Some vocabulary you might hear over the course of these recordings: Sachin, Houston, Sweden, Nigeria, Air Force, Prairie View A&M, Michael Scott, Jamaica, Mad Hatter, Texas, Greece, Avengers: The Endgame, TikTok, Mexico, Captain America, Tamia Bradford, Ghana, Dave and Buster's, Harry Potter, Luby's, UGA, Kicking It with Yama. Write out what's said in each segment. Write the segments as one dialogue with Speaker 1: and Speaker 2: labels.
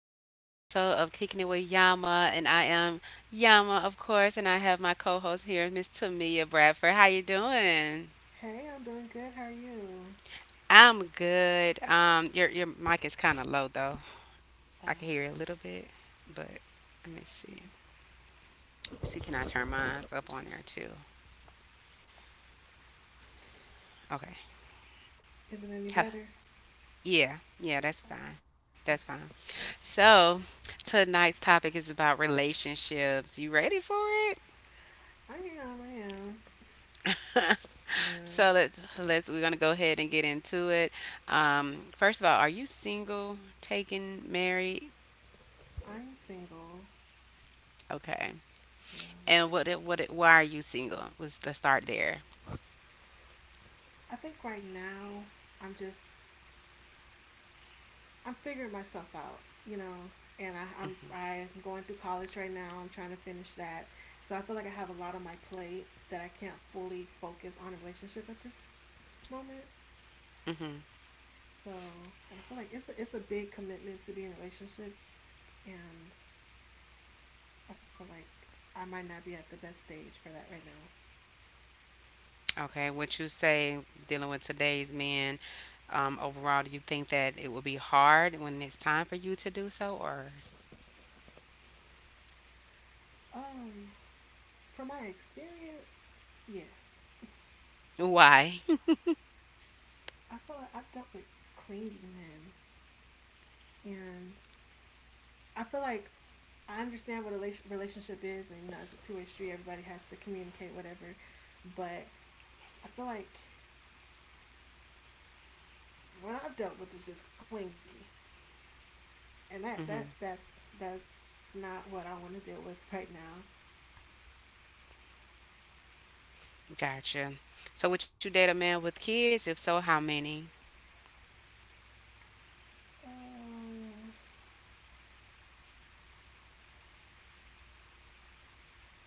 Speaker 1: is another episode of Kicking It with Yama, and I am Yama, of course, and I have my co-host here, Miss Tamia Bradford. How you doing?
Speaker 2: Hey, I'm doing good. How are you?
Speaker 1: I'm good. Your mic is kind of low though. I can
Speaker 2: Oh,
Speaker 1: hear it a little bit, but let me see. See, can I turn mine up on there too? Okay.
Speaker 2: is it any
Speaker 1: Hello.
Speaker 2: better?
Speaker 1: Yeah, yeah, that's fine.
Speaker 2: Uh,
Speaker 1: That's fine.
Speaker 2: Okay.
Speaker 1: So, tonight's topic is about relationships. You ready for it?
Speaker 2: I am. Yeah.
Speaker 1: So let's we're gonna go ahead and get into it. First of all, are you single, taken, married?
Speaker 2: I am single.
Speaker 1: Okay.
Speaker 2: Yeah.
Speaker 1: And why are you single? Let's start there.
Speaker 2: I think right now I'm just I'm figuring myself out, you know. And I'm going through college right now. I'm trying to finish that, so I feel like I have a lot on my plate that I can't fully focus on a relationship at this moment.
Speaker 1: hmm
Speaker 2: So, and I feel like it's a big commitment to be in a relationship, and I feel like I might not be at the best stage for that right now.
Speaker 1: Okay. What you say dealing with today's men? Overall, do you think that it will be hard when it's time for you to do so, or
Speaker 2: Um, from my experience, yes,
Speaker 1: why?
Speaker 2: I feel like I've dealt with clingy men, and I feel like I understand what a relationship is, and you know, it's a two-way street. Everybody has to communicate, whatever. But I feel like what I've dealt with is just clingy, and
Speaker 1: hmm
Speaker 2: that's not what I want to deal with right now.
Speaker 1: Gotcha. So would you date a man with kids? If so, how many?
Speaker 2: Um,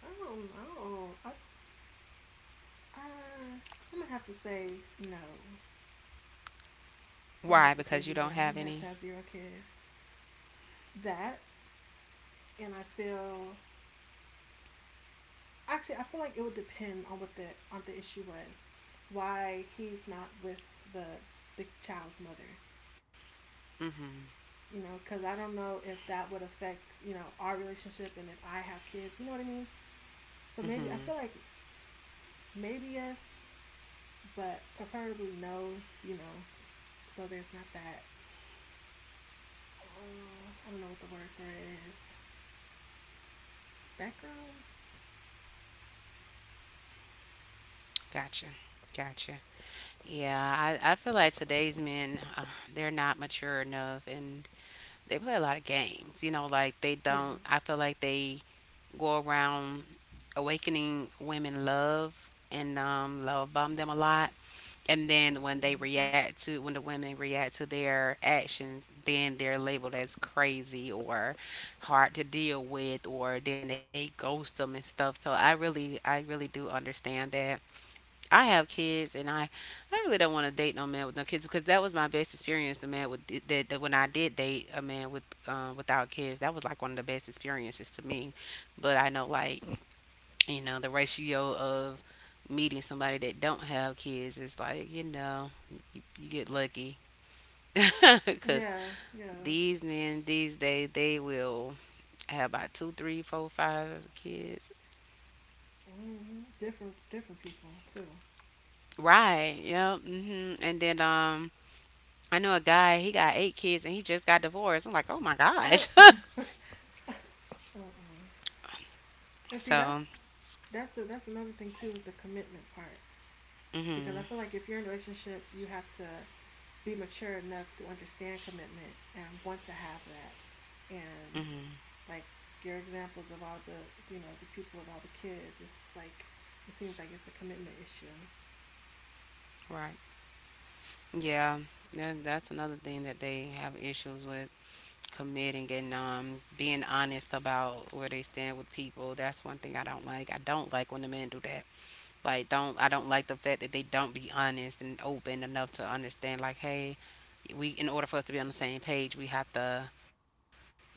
Speaker 2: I don't know. I I'm gonna have to say no. I'm gonna
Speaker 1: Why?
Speaker 2: have to say
Speaker 1: Because you don't
Speaker 2: zero.
Speaker 1: have
Speaker 2: He has
Speaker 1: any.
Speaker 2: to have zero kids. That and I feel, actually I feel like it would depend on what the on the issue was, why he's not with the the child's mother.
Speaker 1: hmm
Speaker 2: You know, because I don't know if that would affect, you know, our relationship and if I have kids. You know what I mean? So maybe I
Speaker 1: hmm
Speaker 2: feel like maybe yes, but preferably no. You know, so there's not that. I don't know what the word for it is. Background.
Speaker 1: Gotcha. Gotcha. Yeah, I feel like today's men, they're not mature enough and they play a lot of games. You know, like they
Speaker 2: Yeah.
Speaker 1: don't, I feel like they go around awakening women love and love bomb them a lot. And then when
Speaker 2: Mm-hmm.
Speaker 1: when the women react to their actions, then they're labeled as crazy or hard to deal with, or then they ghost them and stuff. So I really do understand that I have kids, I really don't want to date no man with no kids because that was my best experience. The man with that, that When I did date a man with without kids, that was like one of the best experiences to me. But I know like, you know, the ratio of meeting somebody that don't have kids is like, you know, you get lucky because
Speaker 2: Yeah. Yeah.
Speaker 1: these men these days they will have about two, three, four, five kids.
Speaker 2: Mm-hmm. Different people too.
Speaker 1: Right. Yep. And then I know a guy, he got eight kids and he just got divorced. I'm like, oh my gosh.
Speaker 2: Mm-mm. And see,
Speaker 1: So,
Speaker 2: that's another thing too is the commitment part, because I
Speaker 1: hmm
Speaker 2: feel like if you're in a relationship, you have to be mature enough to understand commitment and want to have that. And
Speaker 1: hmm
Speaker 2: like your examples of all the, you know, the people with all the kids, it's like it seems like it's a commitment issue.
Speaker 1: right. Yeah, that's another thing that they have issues with committing and being honest about where they stand with people. That's one thing I don't like. I don't like when the men do that. Like, don't I don't like the fact that they don't be honest and open enough to understand. Like, hey, we in order for us to be on the same page, we have to, you know.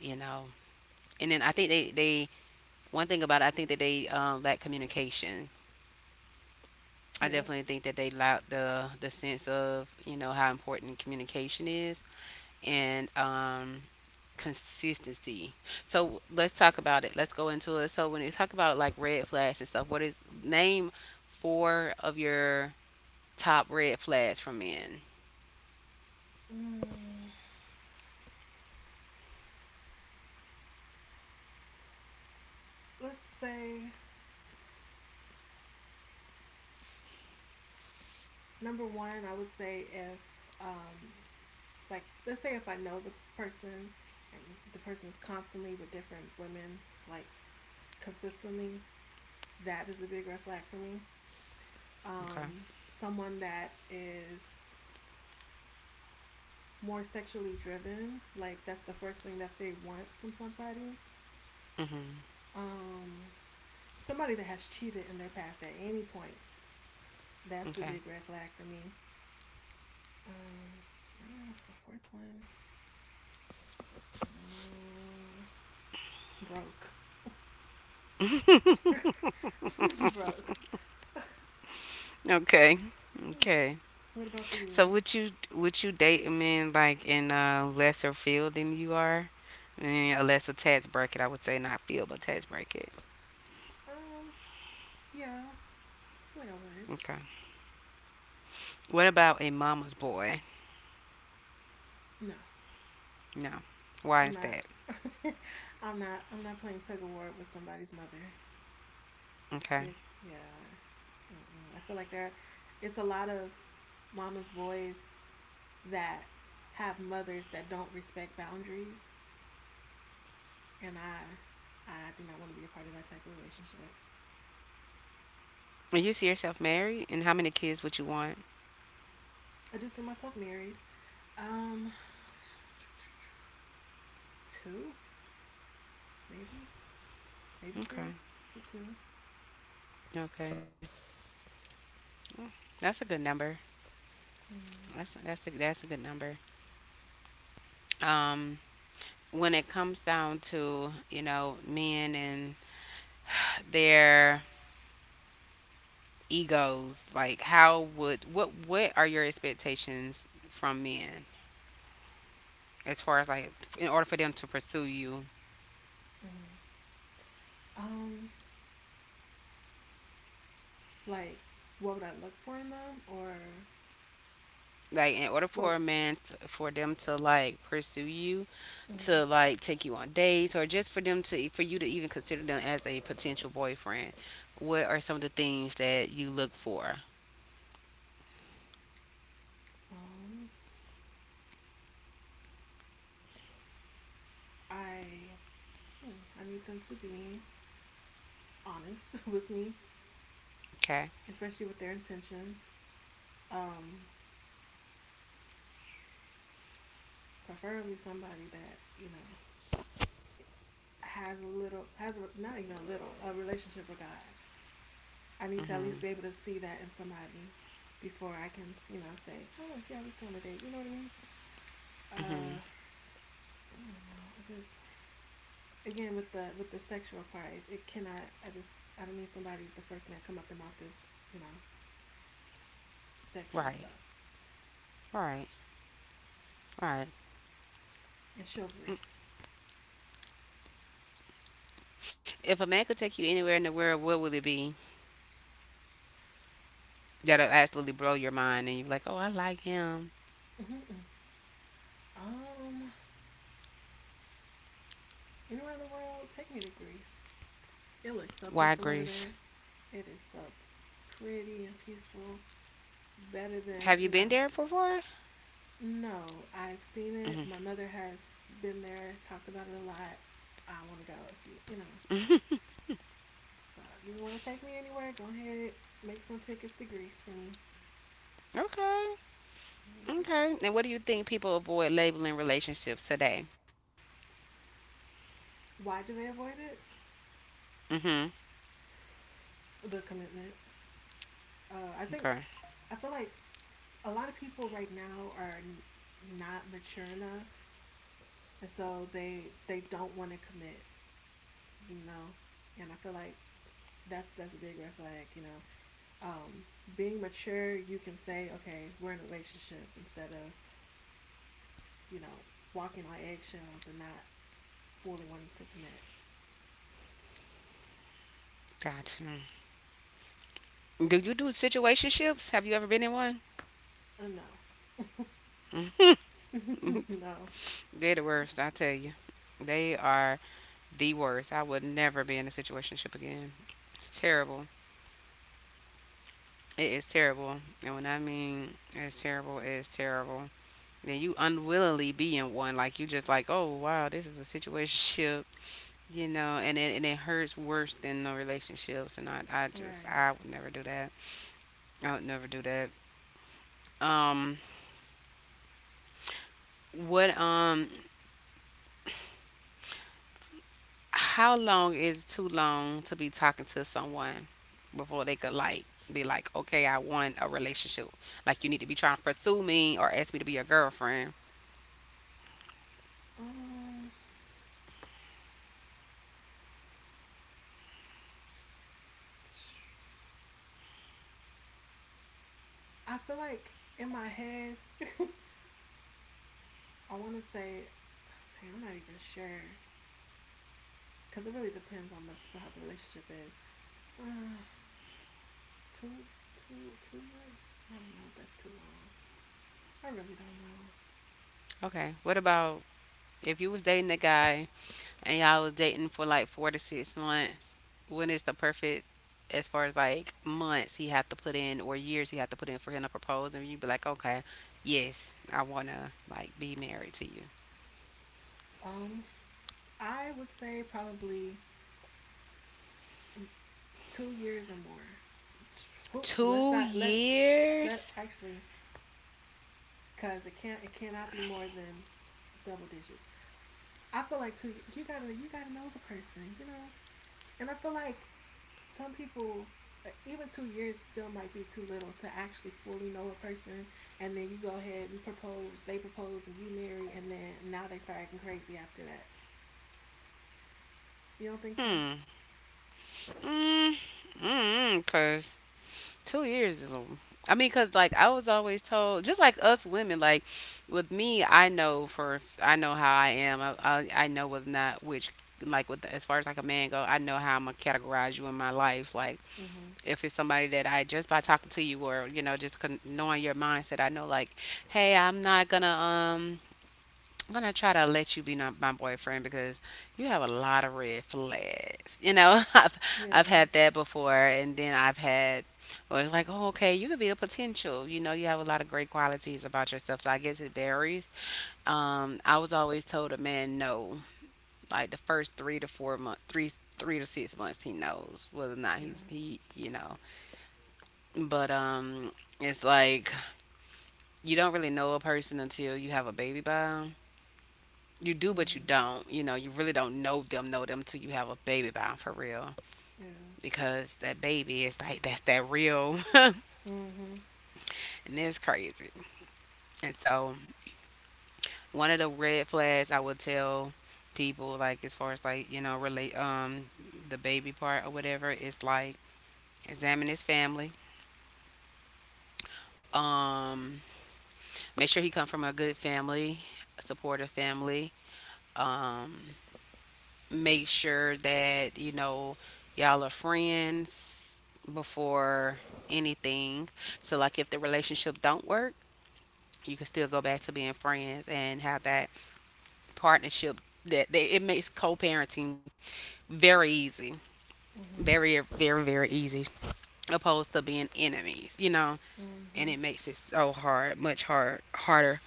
Speaker 1: And then I think they one thing about it, I think that they lack communication. I
Speaker 2: Yep.
Speaker 1: definitely think that they lack the sense of, you know, how important communication is and consistency. So let's talk about it. Let's go into it. So when you talk about like red flags and stuff, what is name four of your top red flags from men?
Speaker 2: Mm. Let's say number one, I would say if, um like let's say if I know the person and the person is constantly with different women, like consistently, that is a big red flag for me.
Speaker 1: Okay.
Speaker 2: Someone that is more sexually driven, like that's the first thing that they want from somebody.
Speaker 1: Mm-hmm.
Speaker 2: Um Somebody that has cheated in their past at any point, that's a
Speaker 1: Okay.
Speaker 2: big red flag for me. Um a fourth one. Mm, broke. Broke.
Speaker 1: Okay. Okay.
Speaker 2: What about for
Speaker 1: So
Speaker 2: you?
Speaker 1: would you date a man like in a lesser field than you are? In a lesser tax bracket, I would say not field, but tax bracket.
Speaker 2: Um, yeah, I feel like I would.
Speaker 1: Okay. What about a mama's boy?
Speaker 2: No,
Speaker 1: No. Why
Speaker 2: I'm
Speaker 1: is that?
Speaker 2: not. I'm not. I'm not playing tug of war with somebody's mother.
Speaker 1: Okay.
Speaker 2: It's yeah. Mm-mm. I feel like there, it's a lot of mama's boys that have mothers that don't respect boundaries, and I do not want to be a part of that type of relationship.
Speaker 1: And you see yourself married, and how many kids would you want?
Speaker 2: I do see myself married. Um, Two. maybe Maybe three,
Speaker 1: Okay.
Speaker 2: but two.
Speaker 1: Okay. That's a good number.
Speaker 2: Mm-hmm.
Speaker 1: That's a good number. Um, when it comes down to, you know, men and their egos, like how would what are your expectations from men as far as like in order for them to pursue you,
Speaker 2: Um, like what would I look for in them, or
Speaker 1: like in order
Speaker 2: what?
Speaker 1: for a man t for them to like pursue you,
Speaker 2: Mm-hmm.
Speaker 1: to like take you on dates or just for them to for you to even consider them as a potential boyfriend, what are some of the things that you look for?
Speaker 2: Um, I hmm, I need them to be honest with me,
Speaker 1: Okay.
Speaker 2: especially with their intentions. Um, Preferably somebody that, you know, not even a little, a relationship with God. I need to at least
Speaker 1: Mm-hmm.
Speaker 2: be able to see that in somebody before I can, you know, say, oh, yeah, let's go on a date. You know what I mean?
Speaker 1: Mm-hmm.
Speaker 2: I don't know. Again, with the sexual part, it cannot, I don't need somebody, the first thing that come up their mouth is, you know, sexual
Speaker 1: Right.
Speaker 2: stuff
Speaker 1: Right. Right.
Speaker 2: and chivalry.
Speaker 1: If a man could take you anywhere in the world, what would it be that'll absolutely blow your mind and you're like, oh, I like him?
Speaker 2: Mm-hmm. Um, Anywhere in the world, take me to Greece. It looks so
Speaker 1: Why
Speaker 2: peaceful over
Speaker 1: Greece?
Speaker 2: there. It is so pretty and peaceful. Better than,
Speaker 1: Have you
Speaker 2: you
Speaker 1: been
Speaker 2: know,
Speaker 1: there before?
Speaker 2: no, I've seen
Speaker 1: hmm
Speaker 2: it. My mother has been there, talked about it a lot. I want to go if you, you know. So if you want to take me anywhere, go ahead, make some tickets to Greece for me.
Speaker 1: okay.
Speaker 2: Mm-hmm.
Speaker 1: Okay. And what do you think people avoid labeling relationships today?
Speaker 2: Why do they avoid it?
Speaker 1: hmm
Speaker 2: The commitment. Uh, I think,
Speaker 1: Okay.
Speaker 2: I feel like a lot of people right now are not mature enough, and so they don't want to commit. You know, and I feel like that's a big red flag. You know, um, being mature, you can say, okay, we're in a relationship instead of, you know, walking on eggshells and not fully wanting to commit.
Speaker 1: Gotcha. Do you do situationships? Have you ever been in one?
Speaker 2: Uh, no. No.
Speaker 1: They're the worst, I tell you. They are the worst. I would never be in a situationship again. It's terrible. It is terrible. And when I mean it's terrible, it's terrible. Then you unwillingly be in one. Like you just like, oh wow, this is a situationship, you know, and it hurts worse than no relationships and I just
Speaker 2: Right.
Speaker 1: I would never do that. I would never do that. Um what how long is too long to be talking to someone before they could like be like, okay, I want a relationship. Like you need to be trying to pursue me or ask me to be your girlfriend.
Speaker 2: Um, I feel like in my head, I want to say, dang, I'm not even sure because it really depends on the how the relationship is. Uh, two, 2 months. I don't know if that's too long. I really don't know.
Speaker 1: Okay. What about if you was dating a guy and y'all was dating for like 4 to 6 months? When is the perfect, as far as like months he have to put in or years he have to put in for him to propose and you be like, okay, yes, I wanna like be married to you.
Speaker 2: Um, I would say probably 2 years or more. Let's
Speaker 1: Two
Speaker 2: not let's let
Speaker 1: years?
Speaker 2: Actually, because it cannot be more than double digits. I feel like two, you gotta know the person, you know. And I feel like some people, like even 2 years still might be too little to actually fully know a person, and then you go ahead and propose they propose and you marry and then now they start acting crazy after that. You don't think so?
Speaker 1: Mm, mm, cause 2 years is a. I mean, cause like I was always told, just like us women, like with me, I know how I am. I know with not which like with as far as like a man go, I know how I'm gonna categorize you in my life. Like
Speaker 2: Mm-hmm.
Speaker 1: if it's somebody that I just by talking to you or, you know, just knowing your mindset, I know like, hey, I'm not gonna I'm gonna try to let you be not my boyfriend because you have a lot of red flags. You know,
Speaker 2: You know, yeah,
Speaker 1: I've had
Speaker 2: I've
Speaker 1: that
Speaker 2: had that
Speaker 1: before,
Speaker 2: before,
Speaker 1: and then I've
Speaker 2: and then I've
Speaker 1: had.
Speaker 2: had,
Speaker 1: Well, it's like, oh, okay, you could be a potential. You know, you have a lot of great qualities about yourself. So I guess it varies. I was always told a man no, like the first 3 to 4 months, 3 to 6 months, he knows whether or not
Speaker 2: yeah.
Speaker 1: he, you know. But it's like you don't really know a person until you have a baby by 'em. You do but you
Speaker 2: Mm.
Speaker 1: don't, you know, you really don't know them till you have a baby by 'em for real
Speaker 2: Yeah.
Speaker 1: because that baby is like that's that real.
Speaker 2: Mm-hmm.
Speaker 1: And it's crazy. And so one of the red flags I would tell people, like as far as like, you know, relate the baby part or whatever, is like examine his family, um make sure he come from a good family, a supportive family, um make sure that you know y'all are friends before anything. So like if the relationship don't work, you can still go back to being friends and have that partnership that it makes co-parenting very easy.
Speaker 2: Mm-hmm.
Speaker 1: Very very easy opposed to being enemies, you know. And
Speaker 2: Mm-hmm.
Speaker 1: it makes it so hard, much harder.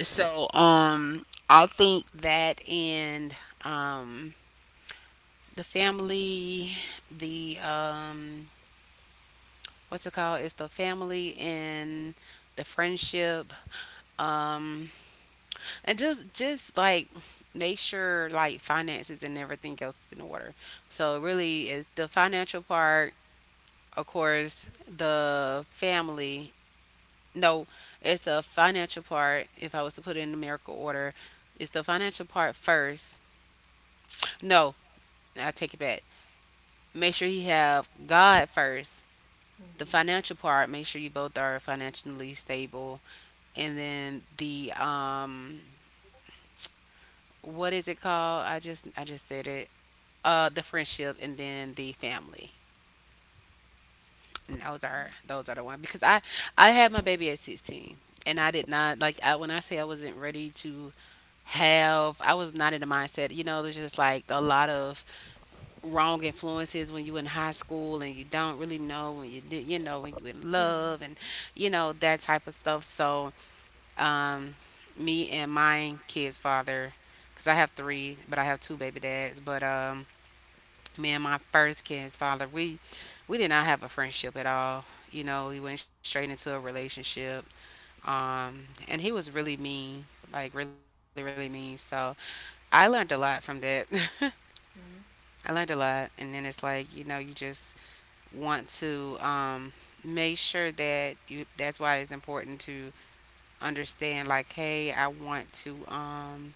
Speaker 1: So I think that and um the family, the what's it called? It's the family and the friendship, um, and just like make sure like finances and everything else is in order. So it really is the financial part, of course, the family. No, it's the financial part. If I was to put it in numerical order, it's the financial part first. No, I take it back. Make sure you have God first, the
Speaker 2: Mm-hmm.
Speaker 1: financial part, make sure you both are financially stable. And then the what is it called? I just said it. The friendship and then the family. And
Speaker 2: Okay.
Speaker 1: those are the ones, because I had my baby at 16 and I did not like when I say I wasn't ready to have I was not in the mindset. You know, there's just like a lot of wrong influences when you in high school and you don't really know when you did you know when you in
Speaker 2: Yeah.
Speaker 1: love and you know that type of stuff. So Um, me and my kid's father, because I have three, but I have two baby dads. But me and my first kid's father, we did not have a friendship at all. You know, he went straight into a relationship. And he was really mean, like really, really mean. So I learned a lot from that.
Speaker 2: Yeah.
Speaker 1: I learned a lot, and then it's like, you know, you just want to make sure that you. That's why it's important to understand. Like, hey, I want to.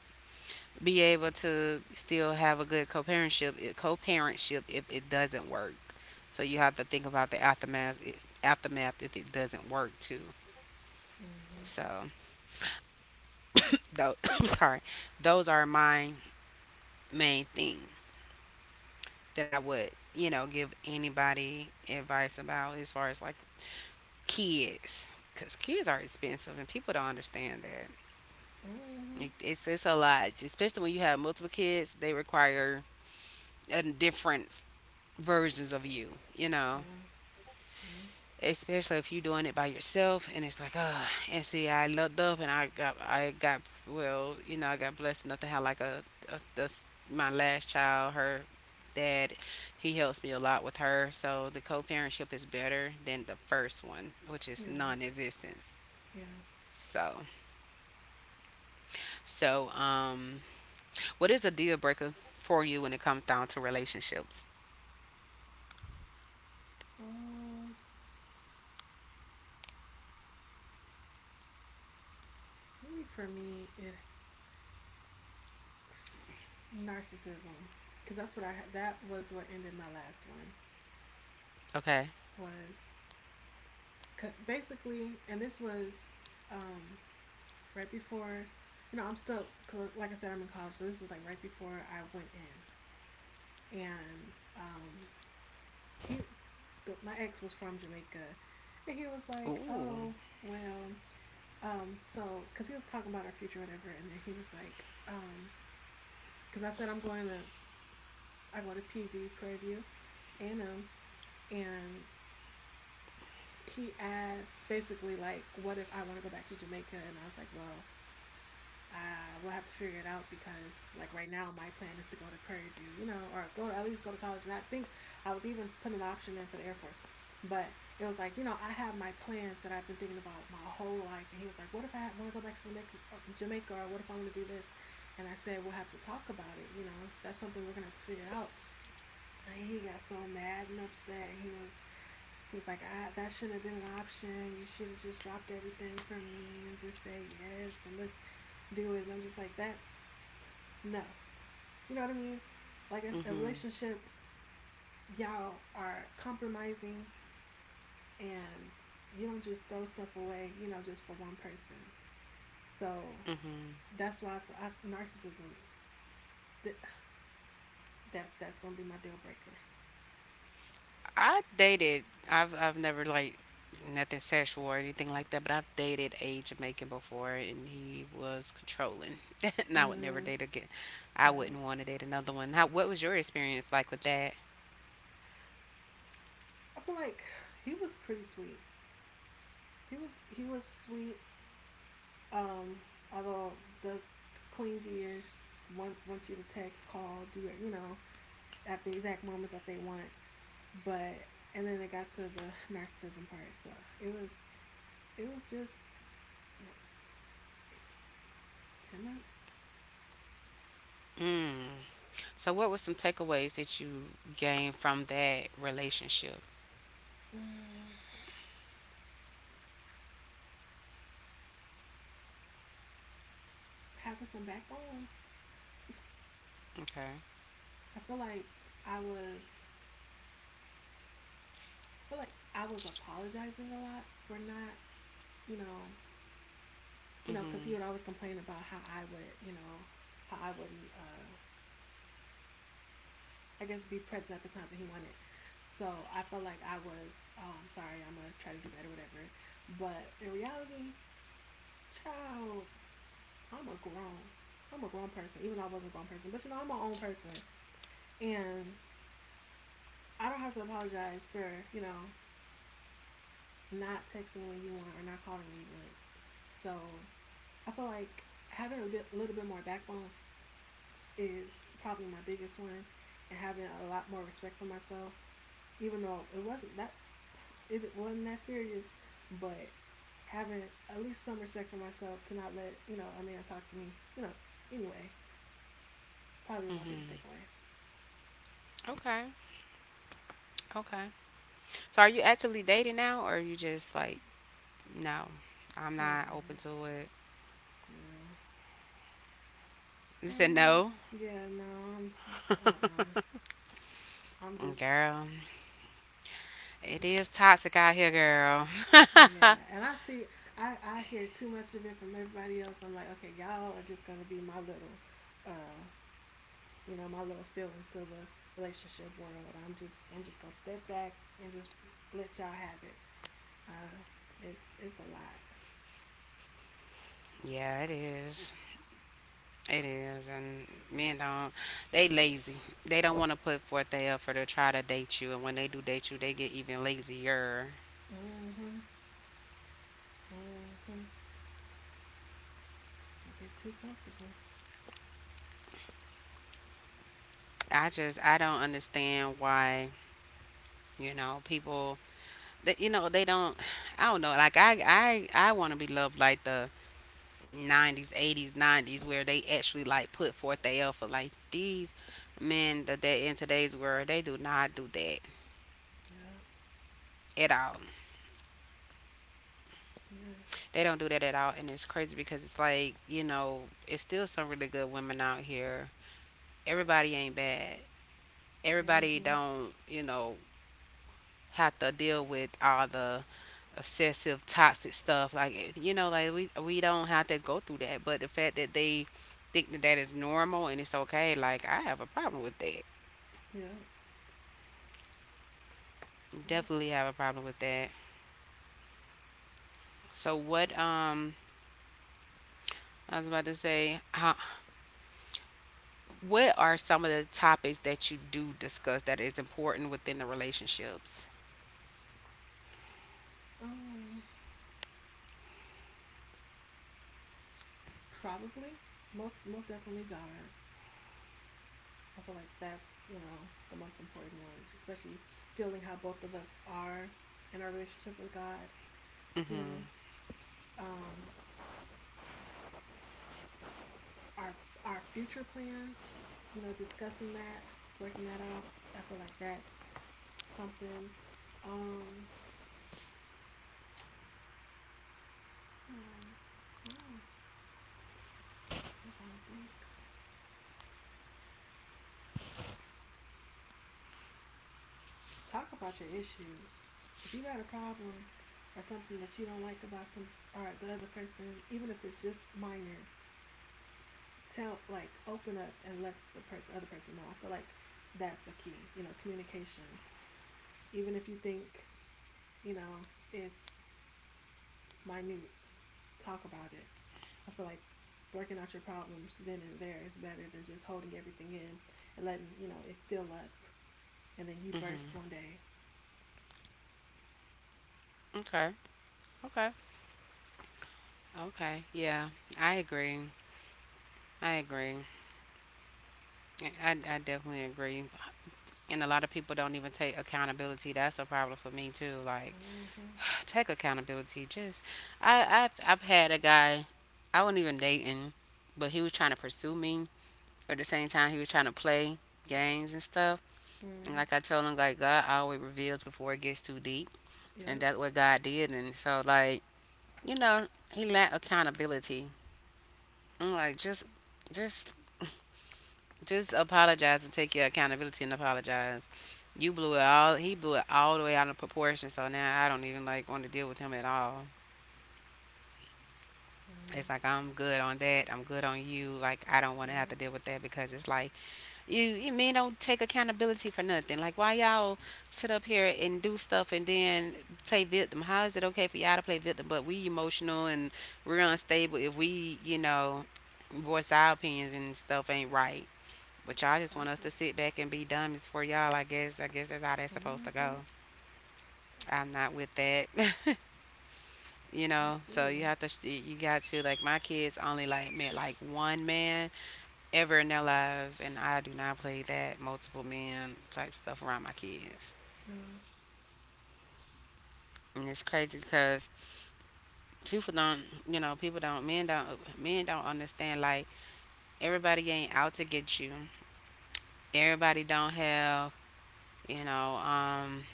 Speaker 1: Be able to still have a good co-parentship if it doesn't work. So you have to think about the aftermath if it doesn't work too.
Speaker 2: Mm-hmm.
Speaker 1: So though I'm sorry, those are my main thing that I would give anybody advice about as far as like kids, because kids are expensive and people don't understand that.
Speaker 2: Mm-hmm.
Speaker 1: It's a lot, especially when you have multiple kids. They require a different versions of you, you
Speaker 2: Yeah.
Speaker 1: know
Speaker 2: Yeah.
Speaker 1: especially if you're doing it by yourself. And it's like, oh, and see, I looked up and I got well, I got blessed enough to have like a my last child, her dad, he helps me a lot with her. So the co-parentship is better than the first one, which
Speaker 2: Yeah.
Speaker 1: is non-existence.
Speaker 2: Yeah.
Speaker 1: So so um what is a deal breaker for you when it comes down to relationships?
Speaker 2: Um, Maybe for me, it, narcissism, because that's what I had. That was what ended my last one.
Speaker 1: Okay.
Speaker 2: Was basically, and this was, um, right before, you know, like I said, I'm in college, so this was like right before I went in. And um, he, the, my ex was from Jamaica, and he was like,
Speaker 1: Ooh.
Speaker 2: oh, well, because he was talking about our future, whatever, and then he was like, because I said I'm going to, I go to PV, Prairie View, A&M, and he asked basically like, "What if I want to go back to Jamaica?" And I was like, "Well, I will have to figure it out because like right now my plan is to go to Prairie View, you know, or go to at least go to college." And I think I was even putting an option in for the Air Force, but it was like, you know, I have my plans that I've been thinking about my whole life. And he was like, "What if I want to go back to Jamaica, or what if I want to do this?" And I said, "We'll have to talk about it. You know, that's something we're gonna have to figure out." And he got so mad and upset. And he was like, I, that shouldn't have been an option. You should have just dropped everything for me and just said yes and let's do it. And I'm just like, that's no. You know what I mean? Like a
Speaker 1: Mhm.
Speaker 2: relationship, y'all are compromising and you don't just throw stuff away, you know, just for one person. So
Speaker 1: Mhm.
Speaker 2: that's why narcissism, th- that's gonna be my deal breaker.
Speaker 1: I dated. I've never like nothing sexual or anything like that, but I've dated a Jamaican before, and he was controlling, and I would never
Speaker 2: Mm,
Speaker 1: date again. I
Speaker 2: yeah.
Speaker 1: wouldn't want to date another one. How? What was your experience like with that?
Speaker 2: I feel like he was pretty sweet. He was sweet. Um, Although, does clingy-ish, want you to text, call, do it, you know, at the exact moment that they want. But and then it got to the narcissism part, so it was it was just what was like 10 months.
Speaker 1: Mm. So, what were some takeaways that you gained from that relationship?
Speaker 2: Mm, having some backbone.
Speaker 1: Okay.
Speaker 2: I feel like I was I feel like I was apologizing a lot for not, you know, you know, because he
Speaker 1: Mhm.
Speaker 2: would always complain about how I would, you know, how I wouldn't, I guess, be present at the times that he wanted. So I felt like I was, oh, I'm sorry, I'm gonna try to do better, whatever. But in reality, child, I'm a grown, I'm a grown person. Even though I wasn't a grown person, but you know, I'm my own person, and I don't have to apologize for, you know, not texting when you want or not calling when you want. So I feel like having a little bit more backbone is probably my biggest one, and having a lot more respect for myself. Even though it wasn't that serious, but having at least some respect for myself to not let, you know, a man talk to me. You know, anyway, probably was my biggest
Speaker 1: Mhm.
Speaker 2: takeaway.
Speaker 1: Okay. Okay. So, are you actively dating now, or are you just like, no, I'm not open
Speaker 2: Mm-mm,
Speaker 1: to it?
Speaker 2: no,
Speaker 1: You
Speaker 2: right
Speaker 1: said
Speaker 2: now,
Speaker 1: no,
Speaker 2: yeah, no, uh-uh, I'm just.
Speaker 1: girl. It is toxic out here, girl.
Speaker 2: Yeah, and I see, I hear too much of it from everybody else. I'm like, okay, y'all are just gonna be my little, uh, you know, my little fill into the relationship world. I'm just gonna step back and just let y'all have it. Uh, it's a lot.
Speaker 1: Yeah, it is. It is. And men don't, they lazy. They don't want to put forth their effort to try to date you. And when they do date you, they get even lazier.
Speaker 2: Mm-hmm. Mm-hmm. You get too comfortable.
Speaker 1: I just, I don't understand why, people, that, they don't, I don't know. Like, I want to be loved like the 90s, 80s, 90s, where they actually like put forth their effort. Like, these men that they in today's world, they do not do that
Speaker 2: Yeah.
Speaker 1: at all.
Speaker 2: Yeah.
Speaker 1: They don't do that at all. And it's crazy, because it's like, it's still some really good women out here. Everybody ain't bad. Everybody
Speaker 2: Mm-hmm.
Speaker 1: don't, have to deal with all the obsessive toxic stuff. Like, like we don't have to go through that. But the fact that they think that that is normal and it's okay, like, I have a problem with that,
Speaker 2: Yeah. Yeah.
Speaker 1: definitely have a problem with that. So what I was about to say how what are some of the topics that you do discuss that is important within the relationships?
Speaker 2: Um. Probably. Most. Most definitely. God. I feel like that's the most important one, especially feeling how both of us are in our relationship with God. You know,
Speaker 1: Mhm.
Speaker 2: um, our our future plans. Discussing that, working that out. I feel like that's something. Um, um, um, I'm trying to think. Talk about your issues. If you got a problem or something that you don't like about some or the other person, even if it's just minor, tell like open up and let the person other person know. I feel like that's a key, communication. Even if you think, it's minute, talk about it. I feel like working out your problems then and there is better than just holding everything in and letting, it fill up and then you
Speaker 1: Mhm.
Speaker 2: burst one day.
Speaker 1: Okay. Okay. Okay. Yeah, I agree. I agree. I definitely agree. And a lot of people don't even take accountability. That's a problem for me too. Like,
Speaker 2: Mm-hmm.
Speaker 1: take accountability. Just I've had a guy. I wasn't even dating, but he was trying to pursue me. At the same time, he was trying to play games and stuff. And
Speaker 2: Mm,
Speaker 1: like I told him, like, God always reveals before it gets too deep. And
Speaker 2: yep.
Speaker 1: that's what God did. And so, like, you know, he lacked accountability. I'm like, just, just apologize and take your accountability and apologize. You blew it all. He blew it all the way out of proportion. So now I don't even like want to deal with him at all.
Speaker 2: Mm,
Speaker 1: It's like, I'm good on that. I'm good on you. Like, I don't want to have to
Speaker 2: yep.
Speaker 1: deal with that, because it's like, you men don't take accountability for nothing. Like, why y'all sit up here and do stuff and then play victim? How is it okay for y'all to play victim? But we emotional and we're unstable if we, voice our opinions and stuff ain't right. But y'all just want
Speaker 2: Clock
Speaker 1: us
Speaker 2: it.
Speaker 1: to sit back and be dumb. It's for y'all, I guess. I guess that's how that's supposed to
Speaker 2: Mm-hmm.
Speaker 1: go. I'm not with that.
Speaker 2: I feel
Speaker 1: So
Speaker 2: ya.
Speaker 1: you have to, you got to, like, my kids only like met like one man ever in their lives, and I do not play that multiple men type stuff around my kids.
Speaker 2: No.
Speaker 1: And it's crazy because people don't, people don't, men don't understand. Like, everybody ain't out to get you. Everybody don't have, you know, um,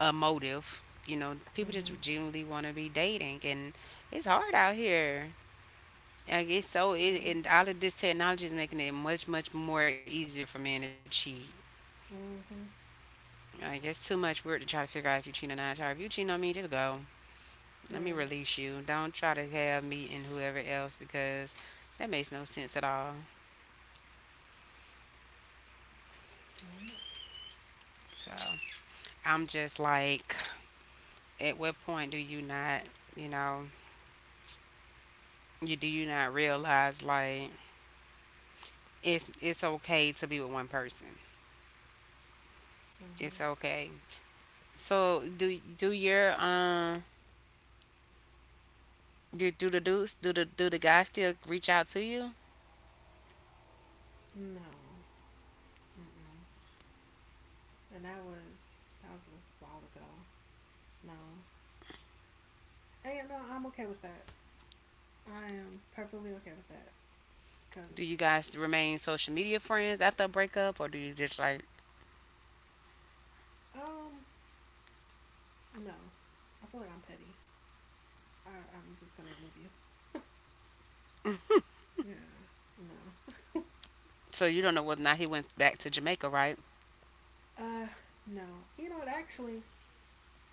Speaker 1: a motive. You know, people
Speaker 2: Mm-hmm.
Speaker 1: just genuinely want to be dating, and it's hard out here. Like, it's so,
Speaker 2: Yeah.
Speaker 1: it, and all of this technology is making it much, much more easier for men to cheat.
Speaker 2: Mm-hmm.
Speaker 1: Like, it's too much work to try to figure out if you cheat or not. Child, if you cheat on me, just go. Let me
Speaker 2: Right.
Speaker 1: release you. Don't try to have me and whoever else, because that makes no sense at all.
Speaker 2: Yeah.
Speaker 1: So I'm just like, at what point do you not, you know, you do you not realize like it's okay to be with one person. It's
Speaker 2: Mm-hmm.
Speaker 1: okay. So do do your do, do the dudes do the guys still reach out to you?
Speaker 2: No. Mm-mm. And that was a while ago. Nah. Hey, no. And I'm okay with that. I am perfectly okay with that.
Speaker 1: Do
Speaker 2: Cause
Speaker 1: you guys remain social media friends after a breakup, or do you just like,
Speaker 2: um no, I feel like I'm petty. I I'm just gonna remove you. Yeah. No.
Speaker 1: so you don't know whether or not he went back to Jamaica, right?
Speaker 2: uh no. You know what? Actually,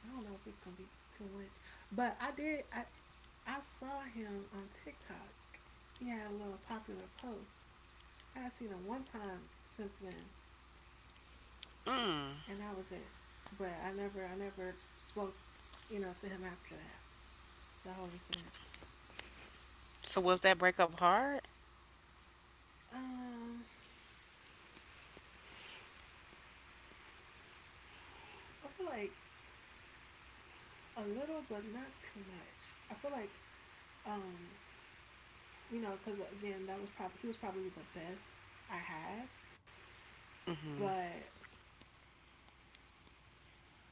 Speaker 2: I don't know if this is gonna be too much, but I did. I saw him on TikTok. He had a little popular post. I had seen him one time since then, and that was it. But I never spoke, to him after that. The whole incident.
Speaker 1: So was that breakup hard?
Speaker 2: Um, I feel like a little, but not too much. I feel like, um, because again, that was probably he was probably the best I had. But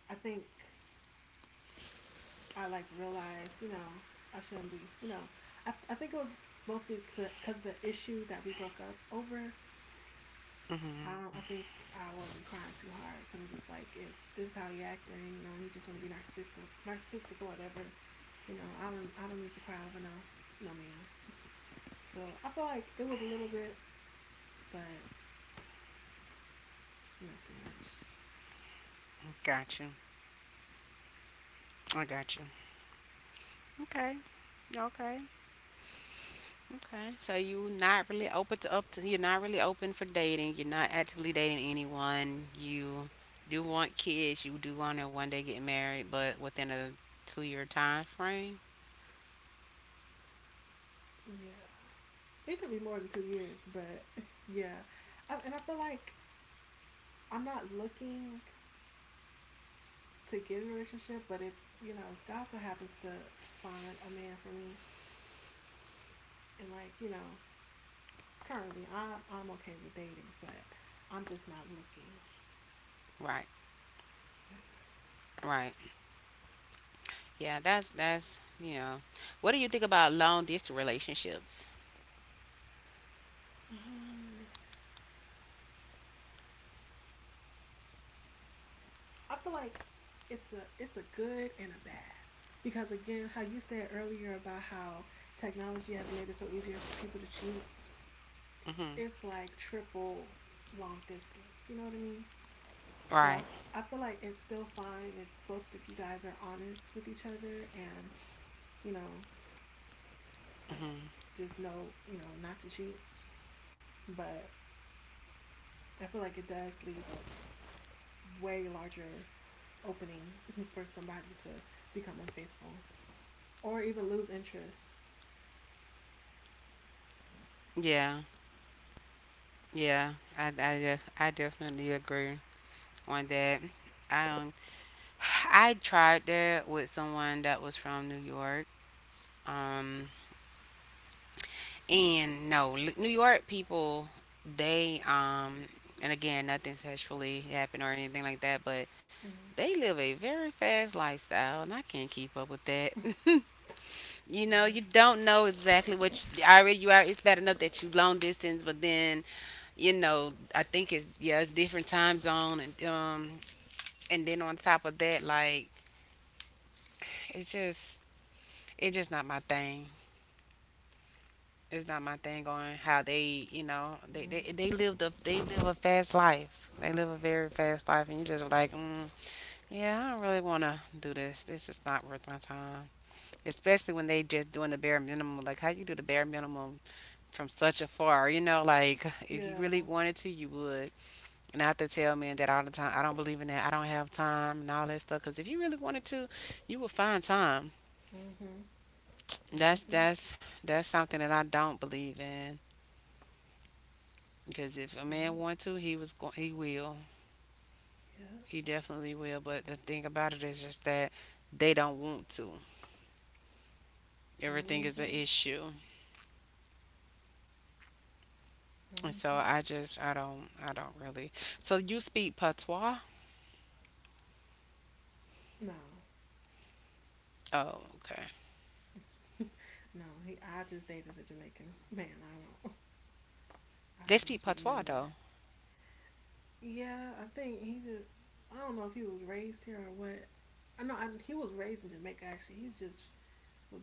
Speaker 2: I think I like realized, I shouldn't be, I think it was mostly because of the issue that we broke up over. I think I wasn't crying too hard because I'm just like, if this is how you're acting, and you just want to be narcissistic or whatever, I don't need to cry over no, no man. So I feel like it was a little bit, but not too much.
Speaker 1: Got you. I got you. Okay. Okay. Okay. So you not really open to up to, you're not really open for dating. You're not actively dating anyone. You do want kids. You do want to one day get married, but within a 2 year time frame.
Speaker 2: Yeah, it could be more than 2 years, but yeah, and I feel like I'm not looking to get a relationship, but if God so happens to find a man for me, and currently I'm okay with dating, but I'm just not looking.
Speaker 1: Right.
Speaker 2: Yeah.
Speaker 1: Right. Yeah, that's. What do you think about long distance relationships?
Speaker 2: Um, I feel like it's a good and a bad because again, how you said earlier about how technology has made it so easier for people to cheat,
Speaker 1: Mhm.
Speaker 2: it's like triple long distance. You know what I mean? So I,
Speaker 1: Right.
Speaker 2: I feel like it's still fine if both of you guys are honest with each other and you know Like,
Speaker 1: Mhm.
Speaker 2: just know, not to cheat. But I feel like it does leave a way larger opening for somebody to become unfaithful or even lose interest.
Speaker 1: Yeah. Yeah, I definitely agree on that. Um, I tried that with someone that was from New York. Um, and no, New York people, they, and again, nothing sexually happened or anything like that, but they
Speaker 2: Mm-hmm.
Speaker 1: live a very fast lifestyle, and I can't keep up with that. You know,
Speaker 2: Yeah.
Speaker 1: you don't know exactly what you, already you are. It's bad enough that you long distance, but then I think it's, yeah, it's different time zone and then on top of that, like, it's just it's just not my thing. It's not my thing on how they,
Speaker 2: Mm-hmm.
Speaker 1: they live they live a fast life. They live a very fast life, and you just like, mm, yeah, I don't really want to do this. This is not worth my time. Especially when they just doing the bare minimum. Like, how you do the bare minimum from such afar, you know, like if you really
Speaker 2: Yeah.
Speaker 1: wanted to, you would. Not to tell men that all the time. I don't believe in that. I don't have time and all that stuff. Because if you really wanted to, you would find time.
Speaker 2: Mhm. Mhm.
Speaker 1: That's something that I don't believe in, because if a
Speaker 2: Yeah.
Speaker 1: man want to, he will,
Speaker 2: Yeah.
Speaker 1: he definitely will. But the thing about it is just that they don't want to. Everything is an
Speaker 2: Mhm.
Speaker 1: issue, and so I
Speaker 2: Mhm.
Speaker 1: just I don't really. So you speak patois?
Speaker 2: No.
Speaker 1: Oh, okay.
Speaker 2: No, he. I just dated a Jamaican man. I don't.
Speaker 1: They
Speaker 2: I don't
Speaker 1: speak
Speaker 2: speak
Speaker 1: patois
Speaker 2: none of that.
Speaker 1: though.
Speaker 2: Yeah, I think he just. I don't know if he was raised here or what. I know he was raised in Jamaica. Actually, he's just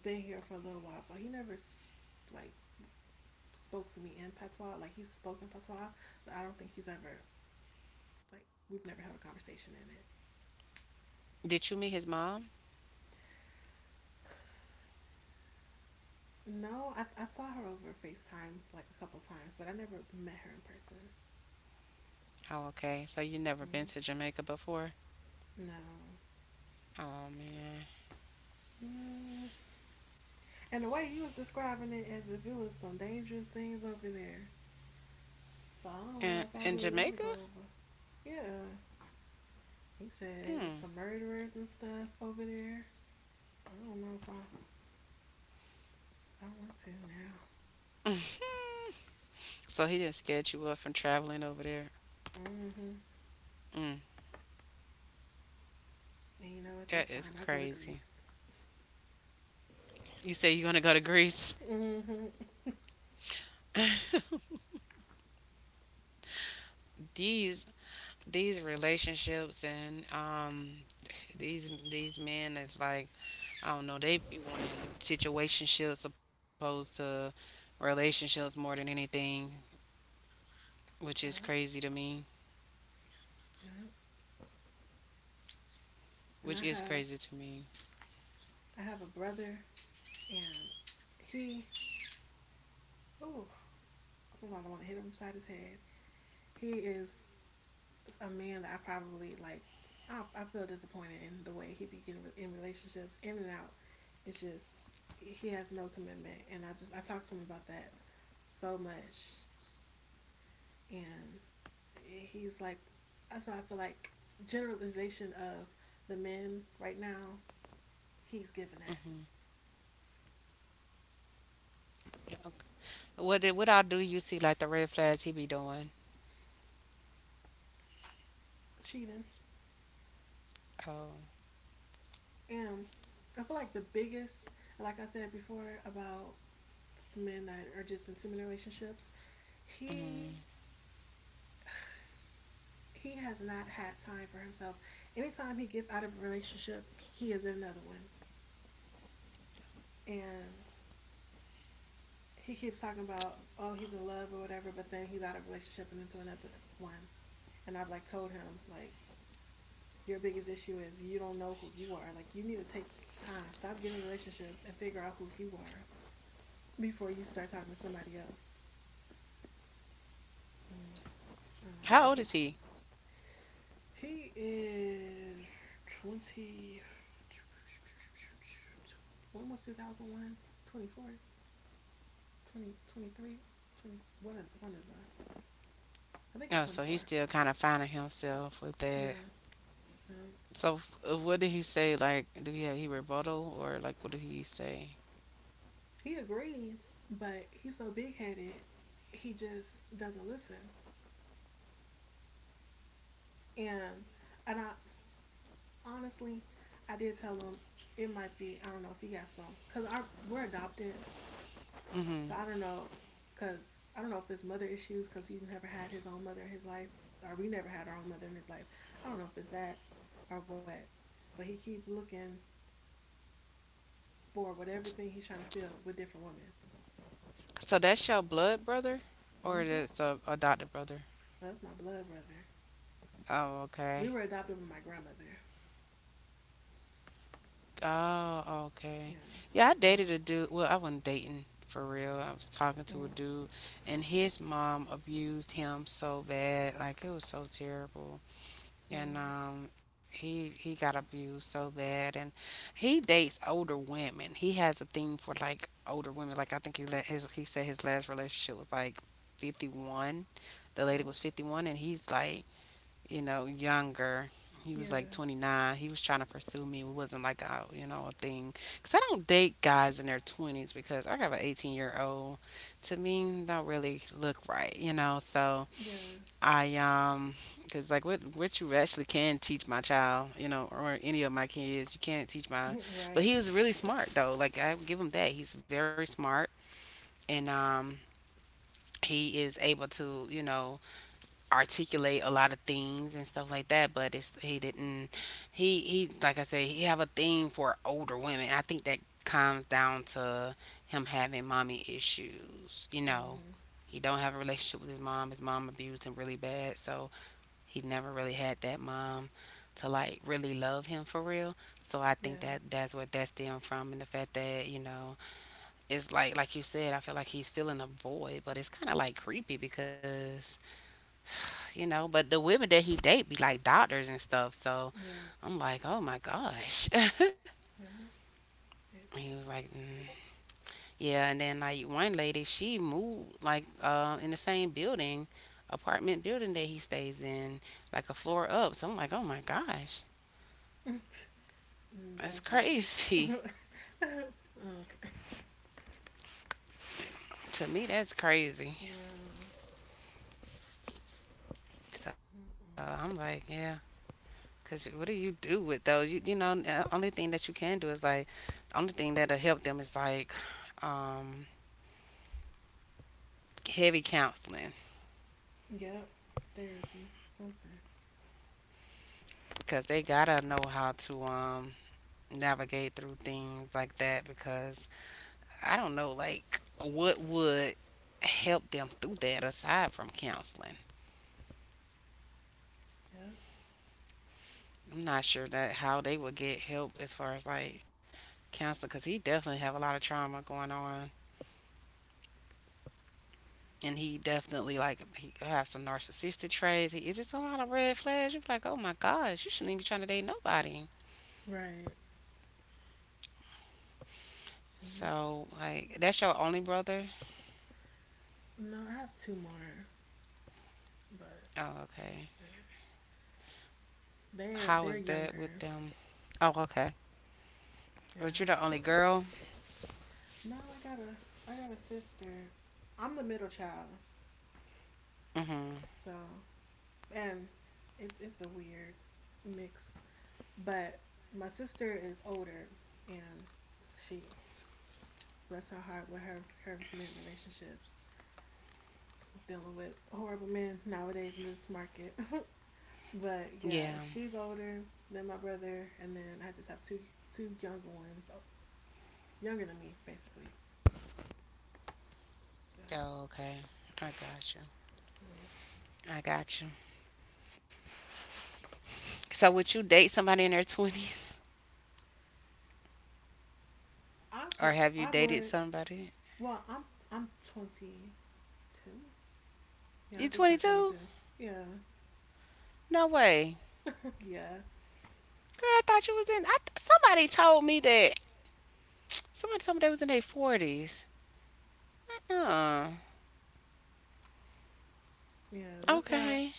Speaker 2: been here for a little while, so he never like spoke to me in patois. Like he's spoken patois, but I don't think he's ever like we've never had a conversation in it.
Speaker 1: Did you meet his mom?
Speaker 2: No, I saw her over FaceTime like a couple times, but I never met her in person.
Speaker 1: Oh, okay. So you never been
Speaker 2: Mm,
Speaker 1: to Jamaica before?
Speaker 2: no.
Speaker 1: Oh man.
Speaker 2: Mm, And the way he was describing it, as if it was some dangerous things over there. So I don't know
Speaker 1: And
Speaker 2: if I
Speaker 1: in
Speaker 2: really want to
Speaker 1: Jamaica?
Speaker 2: go over. Yeah. He said they was
Speaker 1: Hmm.
Speaker 2: some murderers and stuff over there. I don't know if I want to now.
Speaker 1: So he didn't scared you up from traveling over there.
Speaker 2: Mm-hmm.
Speaker 1: Hmm.
Speaker 2: And you know what?
Speaker 1: That
Speaker 2: That's
Speaker 1: is
Speaker 2: fine. I'll go to
Speaker 1: crazy.
Speaker 2: Greece.
Speaker 1: You say you're gonna go to Greece.
Speaker 2: Mm-hmm.
Speaker 1: These these relationships and these men is like, I don't know, they be wanting situationships opposed to relationships more than anything, which is
Speaker 2: Yeah,
Speaker 1: crazy to me.
Speaker 2: yeah. And
Speaker 1: Which
Speaker 2: I
Speaker 1: is
Speaker 2: have
Speaker 1: crazy to me.
Speaker 2: I have a brother, and he, ooh, I think I don't want to hit him upside his head. He is a man that I probably like. I feel disappointed in the way he be getting in relationships, in and out. It's just he has no commitment, and I talk to him about that so much, and he's like, that's why I feel like generalization of the men right now, he's giving that.
Speaker 1: Mm-hmm. Yeah, okay. What did, what all do you see like the red flags he be doing?
Speaker 2: Cheating,
Speaker 1: Oh,
Speaker 2: and I feel like the biggest, like I said before, about men that are just in too many relationships, he
Speaker 1: mm-hmm.
Speaker 2: he has not had time for himself. Anytime he gets out of a relationship, he is in another one. And he keeps talking about, oh, he's in love or whatever, but then he's out of a relationship and into another one. And I've like told him, like, your biggest issue is you don't know who you are. Like, you need to take time, stop getting relationships and figure out who you are before you start talking to somebody else. Mm, I don't
Speaker 1: How
Speaker 2: know.
Speaker 1: old is
Speaker 2: He's
Speaker 1: he?
Speaker 2: He is 20. When was 2001? 24? 20, 23? 20, one of the. I think
Speaker 1: Oh,
Speaker 2: he's
Speaker 1: so he's
Speaker 2: 24.
Speaker 1: still kind of finding himself with that.
Speaker 2: Yeah. Um,
Speaker 1: So what did he say? Like, do he rebuttal or like what did he say?
Speaker 2: he agrees, but he's so big headed, he just doesn't listen. And, and I honestly, I did tell him it might be, I don't know if he got some. Because our we're adopted. So I don't know, because I don't know if it's mother issues, because he's never had his own mother in his life, or we never had our own mother in his life. I don't know if it's that or what, but he keep looking for whatever thing he's trying to fill with different women.
Speaker 1: So that's your blood brother, or
Speaker 2: Mm-hmm. Well,
Speaker 1: that's a adopted brother?
Speaker 2: that's my blood brother.
Speaker 1: Oh,
Speaker 2: We
Speaker 1: okay.
Speaker 2: were adopted with my grandmother.
Speaker 1: Oh, okay.
Speaker 2: Yeah.
Speaker 1: Yeah, I
Speaker 2: So.
Speaker 1: dated a dude. Well, I wasn't dating for real. I was talking to a
Speaker 2: Mm-hmm.
Speaker 1: dude, and his mom abused him so bad. Like, it was so terrible. And he got abused so bad, and he dates older women. He has a thing for like older women. Like, I think he let his, he said his last relationship was like 51. The
Speaker 2: Oh.
Speaker 1: lady was 51, and he's like, younger. He was
Speaker 2: Yeah.
Speaker 1: like 29. He was trying to pursue me. It wasn't like a, a thing, because I don't date guys in their 20s, because I have an 18-year old. To me don't really look right, you know. So
Speaker 2: Yeah.
Speaker 1: I because like, what you actually can teach my child, you know, or any of my kids, you can't teach my.
Speaker 2: Right.
Speaker 1: But he was really smart though. Like, I would give him that. He's very smart, and he is able to, articulate a lot of things and stuff like that. But it's, he didn't. He like I said, he have a thing for older women. I think that comes down to him having mommy issues.
Speaker 2: Mm-hmm.
Speaker 1: He don't have a relationship with his mom. His mom abused him really bad, so he never really had that mom to like really love him for real. So I think
Speaker 2: Yeah.
Speaker 1: that's what that stemmed from, and the fact that it's like you said, I feel like he's feeling a void, but it's kind of like creepy because you know, but the women that he date be like doctors and stuff. So
Speaker 2: Yeah.
Speaker 1: I'm like, oh my gosh.
Speaker 2: Yeah.
Speaker 1: And he
Speaker 2: That's
Speaker 1: was like, yeah. And then like one lady, she moved like in the same building, apartment building that he stays in, like a floor up. So I'm like, oh my gosh.
Speaker 2: that's
Speaker 1: That's
Speaker 2: weird.
Speaker 1: crazy.
Speaker 2: Okay.
Speaker 1: To me, that's crazy.
Speaker 2: Yeah.
Speaker 1: So I'm like,
Speaker 2: Mm-mm.
Speaker 1: yeah. Cause what do you do with those? You know, the only thing that you can do is like, only thing that'll help them is like, um, heavy counseling.
Speaker 2: Yep. Therapy. Something.
Speaker 1: Cause they gotta know how to navigate through things like that. Because I don't know, like, what would help them through that aside from counseling.
Speaker 2: Yep.
Speaker 1: I'm not sure that how they would get help as far as like counseling. Cause he definitely have a lot of trauma going on and he definitely like he have some narcissistic traits. He, it's just a lot of red flags. You're like, oh my gosh, you shouldn't even be trying to date nobody.
Speaker 2: Right. Mm.
Speaker 1: So like, that's your only brother.
Speaker 2: No, I have two more, but
Speaker 1: Oh, okay.
Speaker 2: yeah. they're
Speaker 1: How
Speaker 2: they're
Speaker 1: was that
Speaker 2: younger.
Speaker 1: with them? Oh, okay. But
Speaker 2: Yeah.
Speaker 1: you're the only girl.
Speaker 2: No, I got a sister. I'm the middle child,
Speaker 1: Mhm.
Speaker 2: so, and it's a weird mix. But my sister is older, and she, bless her heart, with her men relationships, dealing with horrible men nowadays in this market. But yeah,
Speaker 1: Yeah.
Speaker 2: she's older than my brother, and then I just have two younger ones. Oh, younger than me, basically. Yeah.
Speaker 1: Oh, okay. I got you. I got you. So would you date somebody in their twenties,
Speaker 2: I
Speaker 1: or have you
Speaker 2: I
Speaker 1: dated
Speaker 2: would.
Speaker 1: somebody?
Speaker 2: Well, I'm 22. Yeah, I
Speaker 1: You
Speaker 2: just turned
Speaker 1: 22?
Speaker 2: 22. Yeah.
Speaker 1: No way.
Speaker 2: Yeah,
Speaker 1: Girl, I thought you was in. I somebody told me that. Somebody told me they was in their 40s. Huh.
Speaker 2: yeah, that's why
Speaker 1: Okay.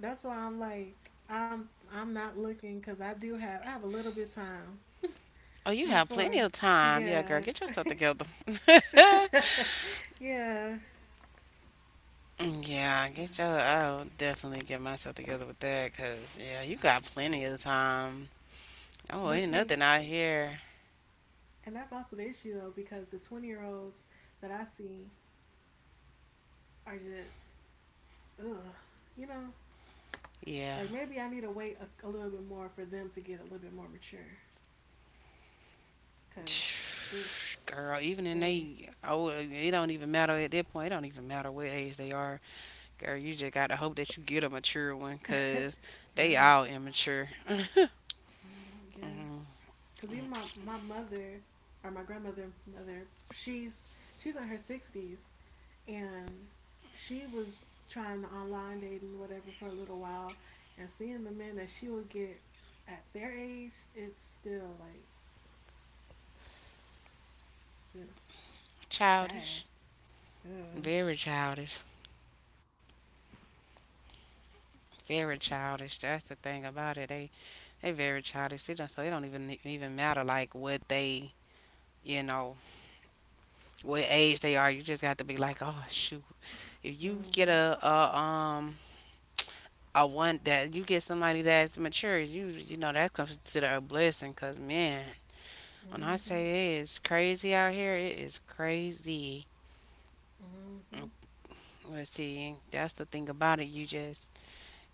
Speaker 2: that's why I'm like, I'm not looking because I have a little bit of time.
Speaker 1: Oh, you have plenty of
Speaker 2: Before.
Speaker 1: time. Yeah, girl,
Speaker 2: Yeah.
Speaker 1: get yourself together.
Speaker 2: Yeah.
Speaker 1: Yeah, get your. I'll definitely get myself together with that, cause yeah, you got plenty of time. Oh,
Speaker 2: But
Speaker 1: ain't
Speaker 2: see,
Speaker 1: nothing out here.
Speaker 2: and that's also the issue though, because the 20-year-olds that I see are just, ugh, you know,
Speaker 1: Yeah.
Speaker 2: like maybe I need to wait a little bit more for them to get a little bit more mature. Because this,
Speaker 1: Girl, even in
Speaker 2: they,
Speaker 1: they, oh, it don't even matter at that point. It don't even matter what age they are. Girl, you just got to hope that you get a mature one, cause they
Speaker 2: yeah.
Speaker 1: all immature,
Speaker 2: I don't know, yeah. Because even my mother, or my grandmother, mother, she's in her 60s, and she was trying the online dating whatever for a little while, and seeing the men that she would get at their age, it's still like just sad.
Speaker 1: childish,
Speaker 2: Yeah.
Speaker 1: very childish. Very childish. That's the thing about it. They very childish. They don't, so it don't even matter like what they you know what age they are. You just got to be like, oh shoot, if you get
Speaker 2: Mm-hmm.
Speaker 1: a one that you get somebody that's mature, you know that's considered a blessing. Cause man, when I
Speaker 2: Mm-hmm.
Speaker 1: say it is crazy out here, it is crazy.
Speaker 2: Mm-hmm.
Speaker 1: Let's see, that's the thing about it. You just,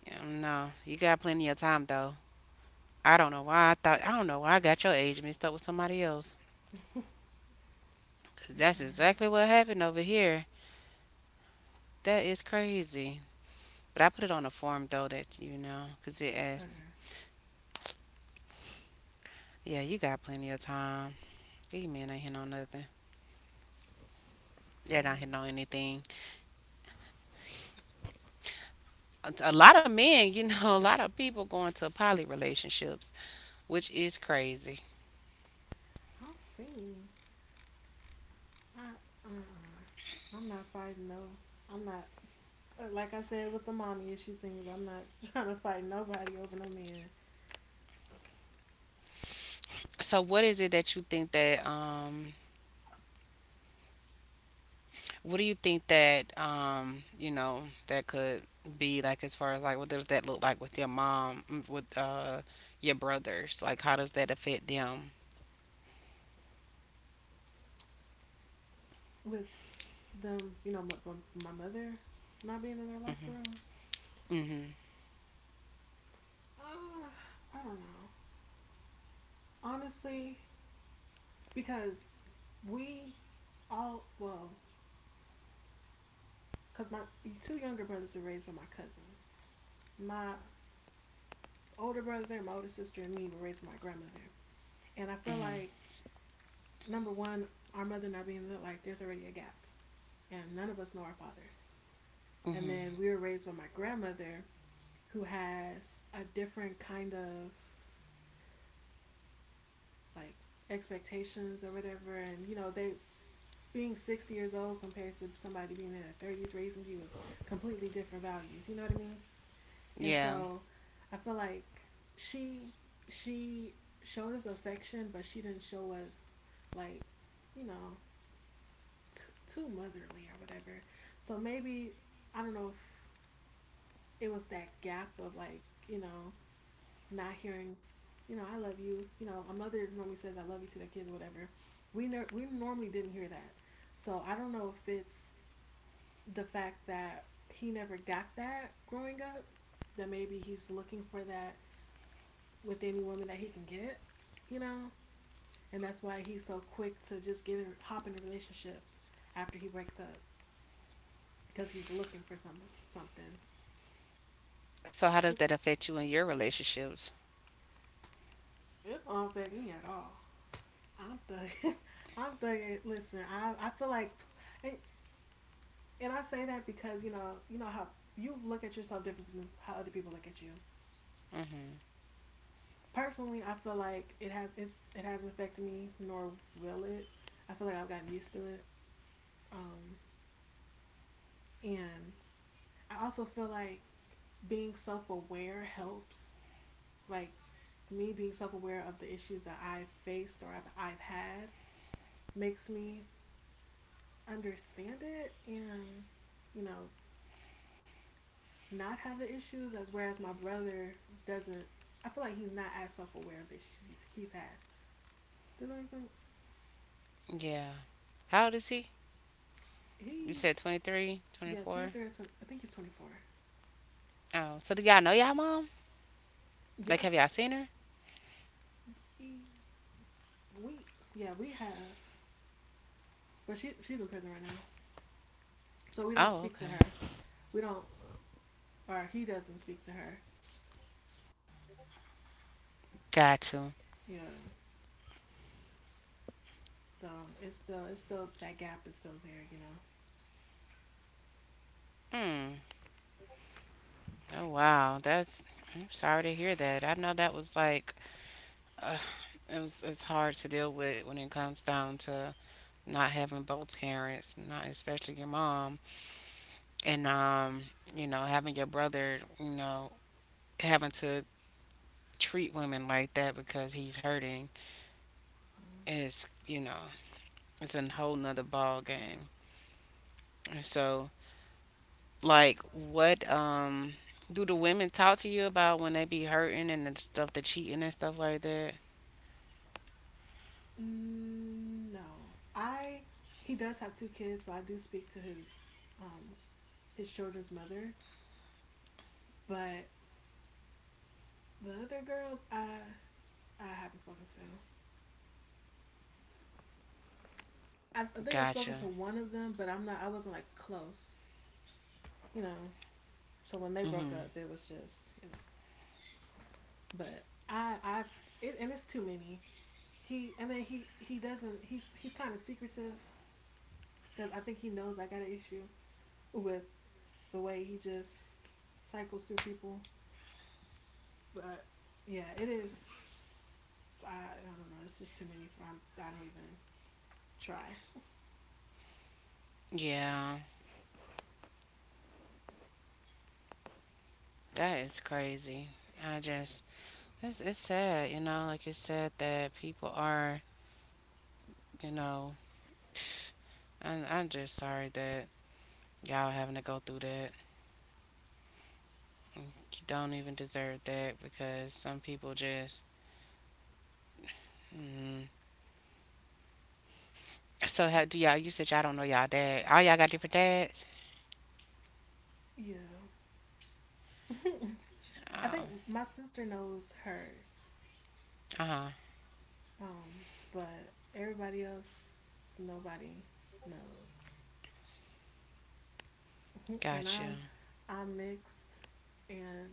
Speaker 1: you know, you got plenty of time though. I don't know why I got your age mixed up with somebody else. 'Cause
Speaker 2: It's
Speaker 1: that's
Speaker 2: all right.
Speaker 1: exactly what happened over here. That is crazy. But I put it on a form though that you know, 'cause it asked,
Speaker 2: Okay.
Speaker 1: yeah, you got plenty of time. These men ain't hitting on nothing. They're not hitting on
Speaker 2: uh,
Speaker 1: anything. A lot of men, you know, a lot of people going to poly relationships, which is crazy.
Speaker 2: I'll see. I. Uh-uh. I'm not fighting. No, I'm not. Like I said, with the mommy issue things, I'm not trying to fight nobody over no man.
Speaker 1: So what is it that you think that what do you think that you know, that could be like as far as like what does that look like with your mom, mm, with your brothers? Like how does that affect them?
Speaker 2: With them, my mother not being in their life for real.
Speaker 1: Mhm.
Speaker 2: Uh, I don't know. Honestly, because we well, because my two younger brothers were raised by my cousin. My older brother, my older sister, and me were raised by my grandmother. And I feel like, number one, our mother not being in their life, there's already a gap. And none of us know our fathers. And
Speaker 1: Mhm.
Speaker 2: then we were raised by my grandmother, who has a different kind of like expectations or whatever, and they being 60 years old compared to somebody being in their 30s raising you is completely different values. You know what I mean? And
Speaker 1: Yeah.
Speaker 2: so I feel like she she showed us affection, but she didn't show us like you know t- too motherly or whatever. So maybe, I don't know if it was that gap of like not hearing, I love you. A mother normally says I love you to their kids or whatever. We normally didn't hear that. So I don't know if it's the fact that he never got that growing up, that maybe he's looking for that with any woman that he can get, you know? And that's why he's so quick to just get hop in a relationship after he breaks up, because he's looking for something.
Speaker 1: So how does
Speaker 2: It,
Speaker 1: that affect you in your relationships?
Speaker 2: it don't affect me at all. I'm thugging. I'm thugging. Listen, I feel like, and And I say that because you know how you look at yourself different from how other people look at you.
Speaker 1: Mhm.
Speaker 2: Personally, I feel like it hasn't affected me, nor will it. I feel like I've gotten used to it, um, and I also feel like being self aware helps. Like me being self aware of the issues that I've faced or I've had makes me understand it and you know not have the issues as whereas my brother doesn't. I feel like he's not as self aware of the issues he's had. Does that make sense?
Speaker 1: Yeah. How old is he? You
Speaker 2: He
Speaker 1: said 23, twenty
Speaker 2: Yeah, twenty
Speaker 1: four.
Speaker 2: three or 20, I think he's 24.
Speaker 1: Oh, so do y'all know y'all mom? Like
Speaker 2: Yeah.
Speaker 1: have y'all seen her?
Speaker 2: He we Yeah, we have, but she's in prison right now. So we don't
Speaker 1: Oh,
Speaker 2: speak to
Speaker 1: okay.
Speaker 2: her. We don't, or he doesn't speak to her.
Speaker 1: Got you.
Speaker 2: Yeah. So it's still that gap is still there, you know.
Speaker 1: Mm. Oh wow, that's I'm sorry to hear that. I know that was like uh, it's hard to deal with when it comes down to not having both parents, not especially your mom, and you know, having your brother, you know, having to treat women like that because he's hurting is, you know, it's a whole nother ball game. And so, like, what do the women talk to you about when they be hurting and the stuff, the cheating and stuff like that?
Speaker 2: Mm, no. I He does have two kids, so I do speak to um his children's mother. But the other girls, I haven't spoken to. I think I've
Speaker 1: Gotcha.
Speaker 2: spoken to one of them, but I'm not. I wasn't like close, you know. So when they broke
Speaker 1: Mhm.
Speaker 2: up, it was just you know. But I it, and it's too many. He I mean he doesn't. He's kind of secretive because I think he knows I got an issue with the way he just cycles through people. But yeah, it is. I don't know. It's just too many for. I don't even try.
Speaker 1: Yeah, that is crazy. I just It's sad, you know, like it's sad that people are, you know, I'm just sorry that y'all having to go through that. You don't even deserve that because some people just. Mm. So how do y'all? You said y'all don't know y'all dad. All y'all got different dads.
Speaker 2: Yeah. I
Speaker 1: Oh,
Speaker 2: think my sister knows hers,
Speaker 1: uh huh.
Speaker 2: um, but everybody else, nobody knows. and
Speaker 1: Got you.
Speaker 2: I'm, I'm mixed, and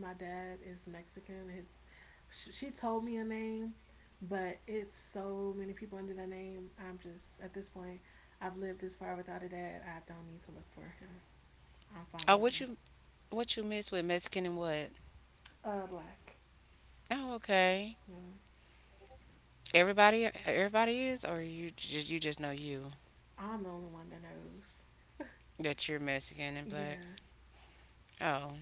Speaker 2: my dad is Mexican. His, she told me a name, but it's so many people under that name. I'm just at this point, I've lived this far without a dad. I don't need to look for him. I'm fine
Speaker 1: Oh,
Speaker 2: without him.
Speaker 1: what you miss with Mexican and what?
Speaker 2: Black.
Speaker 1: Oh, okay.
Speaker 2: Yeah,
Speaker 1: Everybody is, or you just know you
Speaker 2: I'm the only one that knows.
Speaker 1: that you're Mexican and black.
Speaker 2: Yeah.
Speaker 1: Oh,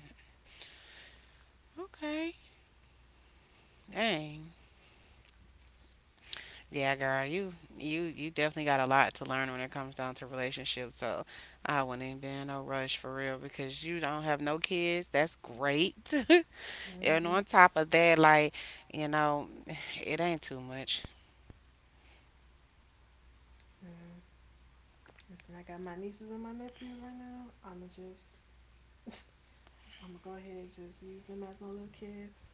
Speaker 1: okay. Dang. Yeah, girl, you you definitely got a lot to learn when it comes down to relationships. So I wouldn't even be in no rush for real because you don't have no kids. That's great. And
Speaker 2: Mm-hmm.
Speaker 1: on top of that, like you know, it ain't too much.
Speaker 2: Yeah. Listen, I got my nieces and my nephews right now. I'ma go ahead and just use them as my little kids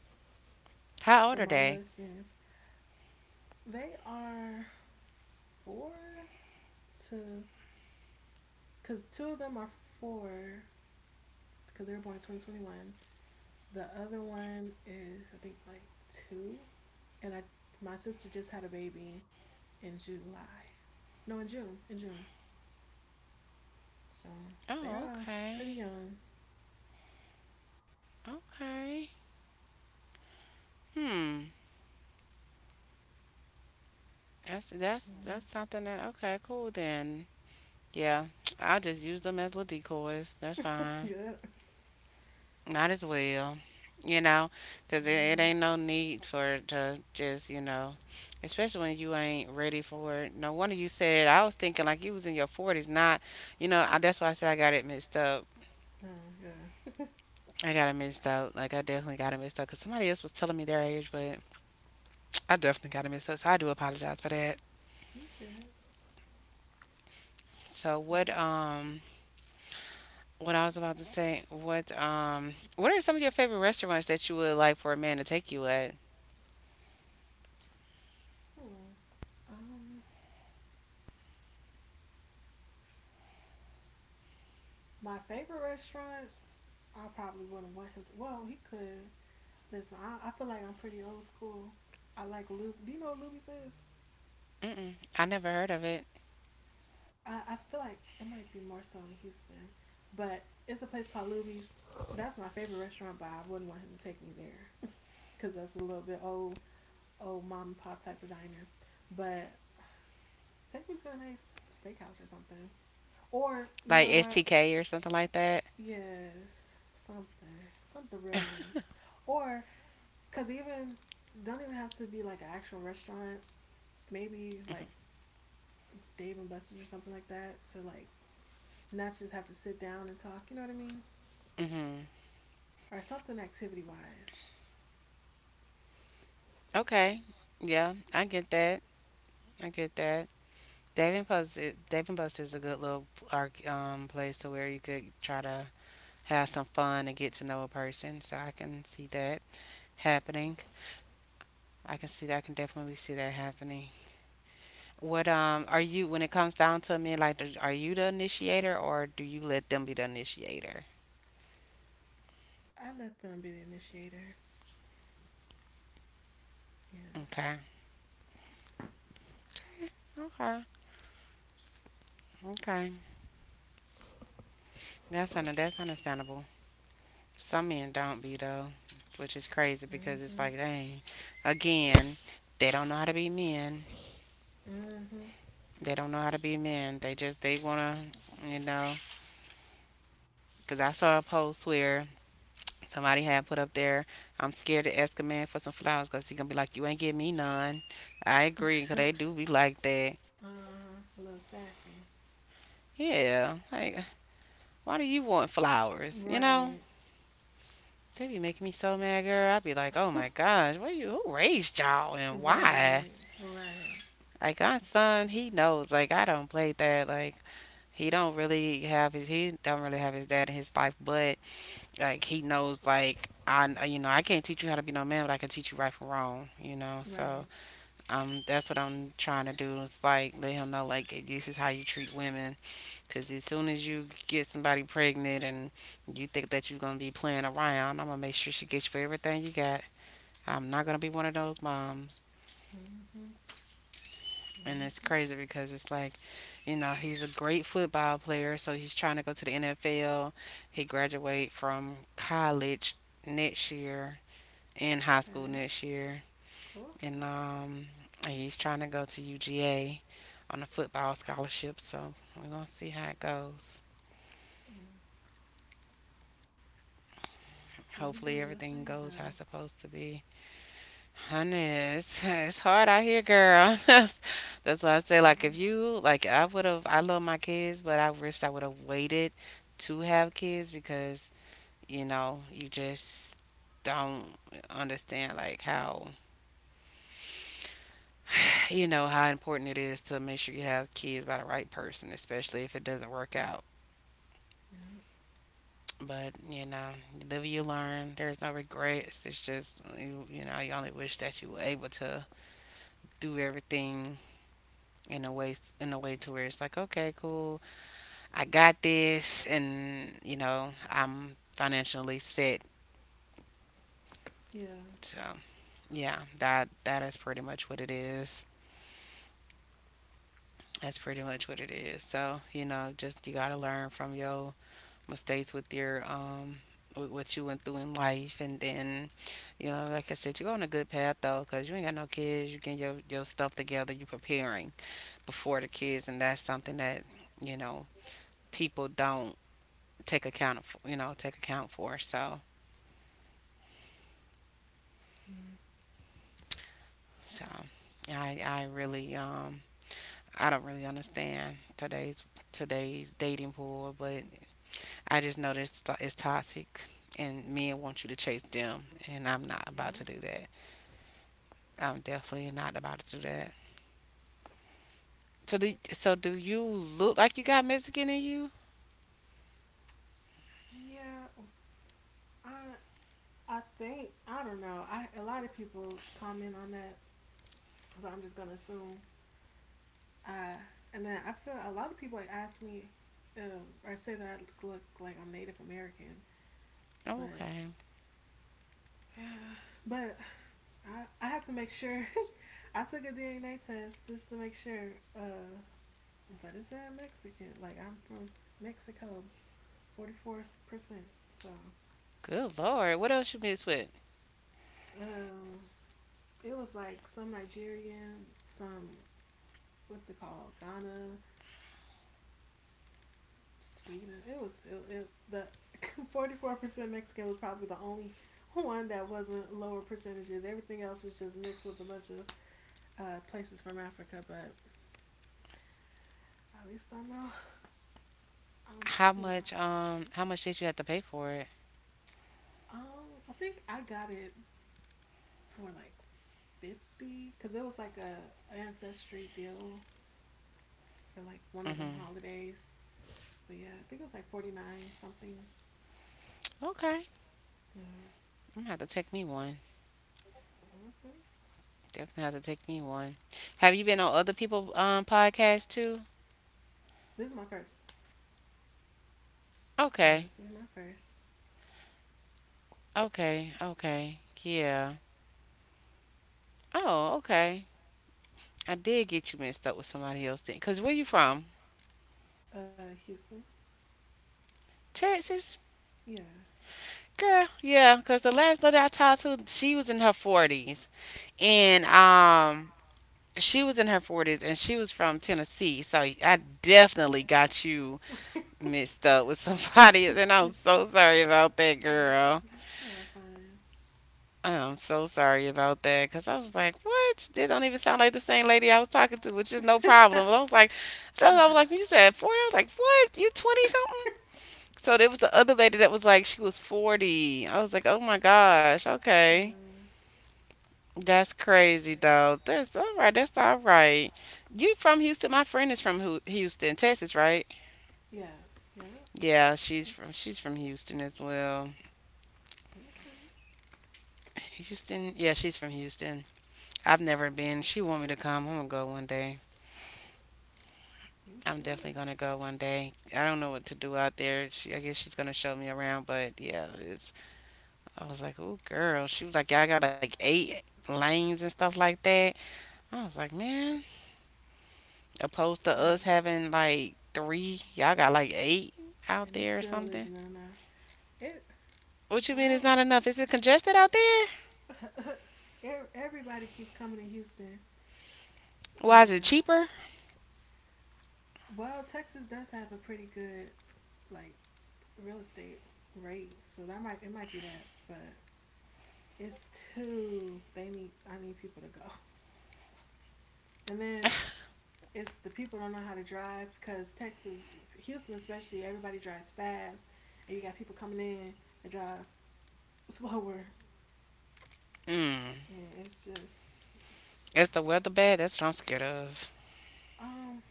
Speaker 1: How old
Speaker 2: for
Speaker 1: are
Speaker 2: my little
Speaker 1: they?
Speaker 2: experience. They are four to, cause two of them are four, cause they were born 2021. The other one is I think like two, and I my sister just had a baby in July. No, in June. In June. So they
Speaker 1: Oh,
Speaker 2: are pretty
Speaker 1: okay,
Speaker 2: young.
Speaker 1: okay. Hmm. That's that's
Speaker 2: Mhm.
Speaker 1: that's something that okay, cool then. Yeah, I'll just use them as little decoys. That's fine.
Speaker 2: Good.
Speaker 1: Might as well, you know, 'cause it
Speaker 2: Mm.
Speaker 1: ain't no need for it to just, you know, especially when you ain't ready for it. No wonder you said I was thinking like you was in your forties, not, you know. I, that's why I said I got it mixed up.
Speaker 2: Oh, good.
Speaker 1: I got it mixed up. Like I definitely got it mixed up 'cause somebody else was telling me their age, but I definitely got it mixed up. So I do apologize for that.
Speaker 2: You're good.
Speaker 1: So
Speaker 2: But,
Speaker 1: what I was about to say, what are some of your favorite restaurants that you would like for a man to take you at?
Speaker 2: hmm. Um, my favorite restaurants, I probably wouldn't want him to. Well, he could. Listen, I feel like I'm pretty old school. I like Luby. Do you know what Luby's is?
Speaker 1: I never heard of
Speaker 2: I feel like it might be more so in Houston, but it's a place called Luby's. That's my favorite restaurant, but I wouldn't want him to take me there because that's a little bit old, old mom and pop type of diner. But Take me to a nice steakhouse or something. Or you
Speaker 1: Like
Speaker 2: know what?
Speaker 1: STK or something like that.
Speaker 2: Yes, something real nice. Or cause even don't even have to be like an actual restaurant. Maybe like Dave and Buster's or something like that to like not just have to sit down and talk. You know what I mean?
Speaker 1: Hmm.
Speaker 2: Or something activity wise.
Speaker 1: Okay. Yeah, I get that. I get that. Dave Post, Davenport, Post is a good little place to where you could try to have some fun and get to know a person. So I can see that happening. I can see that. I can definitely see that happening. What are you when it comes down to me? Like, are you the initiator or do you let them be the initiator?
Speaker 2: I let them be the initiator. Yeah.
Speaker 1: Okay. Okay. Okay. That's understandable. Some men don't be though, which is crazy because it's
Speaker 2: Mm-hmm.
Speaker 1: like, dang, again, they don't know how to be men.
Speaker 2: Mm-hmm.
Speaker 1: They don't know how to be men. They wanna, you know. Cause I saw a post where somebody had put up there, I'm scared to ask a man for some flowers, cause he gonna be like, you ain't give me none. I agree, cause they do be like that.
Speaker 2: Uh, a little sassy.
Speaker 1: Yeah, like why do you want flowers? You know.
Speaker 2: Right.
Speaker 1: They be making me so mad, girl. I be like, oh my gosh, what you? Who raised y'all and why?
Speaker 2: Right, right,
Speaker 1: Like my son, he knows. Like I don't play that. Like he don't really have his dad in his life, but like he knows. Like I you know I can't teach you how to be no man, but I can teach you right from wrong. You know, so
Speaker 2: right.
Speaker 1: that's what I'm trying to do. It's like let him know like this is how you treat women. Cause as soon as you get somebody pregnant and you think that you're gonna be playing around, I'm gonna make sure she gets you for everything you got. I'm not gonna be one of those moms.
Speaker 2: Mm-hmm.
Speaker 1: And it's
Speaker 2: Mm-hmm.
Speaker 1: crazy because it's like, you know, he's a great football player, so he's trying to go to the NFL. He graduate from college next year, in high school
Speaker 2: Okay.
Speaker 1: next year,
Speaker 2: Well, okay.
Speaker 1: and he's trying to go to UGA on a football scholarship. So we're gonna see how it goes.
Speaker 2: Mm. See, you
Speaker 1: Hopefully,
Speaker 2: doing your
Speaker 1: everything
Speaker 2: thing
Speaker 1: goes how it's
Speaker 2: though.
Speaker 1: supposed to be. Honey, it's hard out here, girl. That's why I say, like,
Speaker 2: Mm.
Speaker 1: if you, like, I love my kids, but I wished I would have waited to have kids because, you know, you just don't understand, like, how, you know, how important it is to make sure you have kids by the right person, especially if it doesn't work out. But, you know, you live and you learn. There's no regrets. It's just, you only wish that you were able to do everything in a way in a way to where it's like, okay, cool, I got this, and I'm financially set.
Speaker 2: Yeah. Yeah.
Speaker 1: So, yeah, that is pretty much what it is. That's pretty much what it is. So just you got to learn from your mistakes with what you went through in life. And then like I said, you're on a good path, though, because you ain't got no kids. You getting your stuff together. You preparing before the kids. And that's something that you know people don't take account for, take account for. So
Speaker 2: Mm.
Speaker 1: so yeah, I really I don't really understand today's dating pool, but I just know it's toxic. And men want you to chase them, and I'm not about
Speaker 2: Yeah.
Speaker 1: to do that. I'm definitely not about to do that. So do you look like you got Mexican in you?
Speaker 2: Yeah. I I think I don't know. I a lot of people comment on that, so I'm just gonna assume. Uh, and then I feel a lot of people ask me or say that I look like I'm Native American, but
Speaker 1: Okay.
Speaker 2: but I had to make sure I took a DNA test just to make sure. But it's that Mexican? Like I'm from Mexico, 44%. So
Speaker 1: Good lord. What else you mixed with?
Speaker 2: um, it was like some Nigerian, some what's it called, Ghana, Sweden. It was it, it, the 44% Mexican was probably the only one that wasn't lower percentages. Everything else was just mixed with a bunch of places from Africa. But at least I know, um, you know,
Speaker 1: How much did you have to pay for it?
Speaker 2: I think I got it for like 50 because it was like a ancestry deal for like one of them
Speaker 1: Mhm.
Speaker 2: holidays. But yeah, I think it was like 49 something.
Speaker 1: Okay.
Speaker 2: Uh,
Speaker 1: I'm gonna have to take me one.
Speaker 2: mm-hmm.
Speaker 1: Definitely have to take me one. Have you been on other people podcasts too?
Speaker 2: This is my first. Yeah,
Speaker 1: Okay.
Speaker 2: this is my first.
Speaker 1: Okay. Okay. Yeah. Oh, okay. I did get you mixed up with somebody else then. Cause where you from?
Speaker 2: Houston.
Speaker 1: Texas?
Speaker 2: Yeah.
Speaker 1: Girl, yeah, cause the last lady I talked to, she was in her 40s. And she was in her 40s and she was from Tennessee. So I definitely got you mixed up with
Speaker 2: Uh,
Speaker 1: somebody and
Speaker 2: yeah,
Speaker 1: I'm so sorry about that, girl.
Speaker 2: you're fine.
Speaker 1: I'm so sorry about that because I was like, what? This don't even sound like the same lady I was talking to, which is no problem. But I was like,
Speaker 2: Uh, uh,
Speaker 1: I was like, when you said 40, I was like, what? You 20 something? So there was the other lady that was like, she was 40. I was like, oh my gosh, okay. That's crazy though. That's all right. That's all right. You from Houston? My friend is from Houston, Texas, right?
Speaker 2: yeah, yeah.
Speaker 1: Yeah, she's from Houston as well.
Speaker 2: Okay,
Speaker 1: Houston? Yeah, she's from Houston. I've never been. She want me to come. I'm gonna go one day.
Speaker 2: you
Speaker 1: I'm definitely
Speaker 2: should.
Speaker 1: gonna go one day. I don't know what to do out there. She, I guess she's gonna show me around, but yeah, it's. I was like, "Ooh, girl," she was like, "Y'all got like eight lanes and stuff like that." I was like, "Man," opposed to
Speaker 2: Yeah.
Speaker 1: us having like three, y'all got like eight out
Speaker 2: And it
Speaker 1: there or
Speaker 2: still
Speaker 1: something.
Speaker 2: isn't enough. It.
Speaker 1: What you mean it's
Speaker 2: I'm.
Speaker 1: not enough? Is it congested out there?
Speaker 2: Everybody keeps coming to Houston,
Speaker 1: Why is it
Speaker 2: and
Speaker 1: cheaper?
Speaker 2: well, Texas does have a pretty good like real estate rate, so that might it might be that, but it's too. they need. I need people to go, and then it's the people don't know how to drive because Texas, Houston especially, everybody drives fast, and you got people coming in that drive slower. Yeah, it's just
Speaker 1: Is the weather bad? That's what I'm scared of.
Speaker 2: um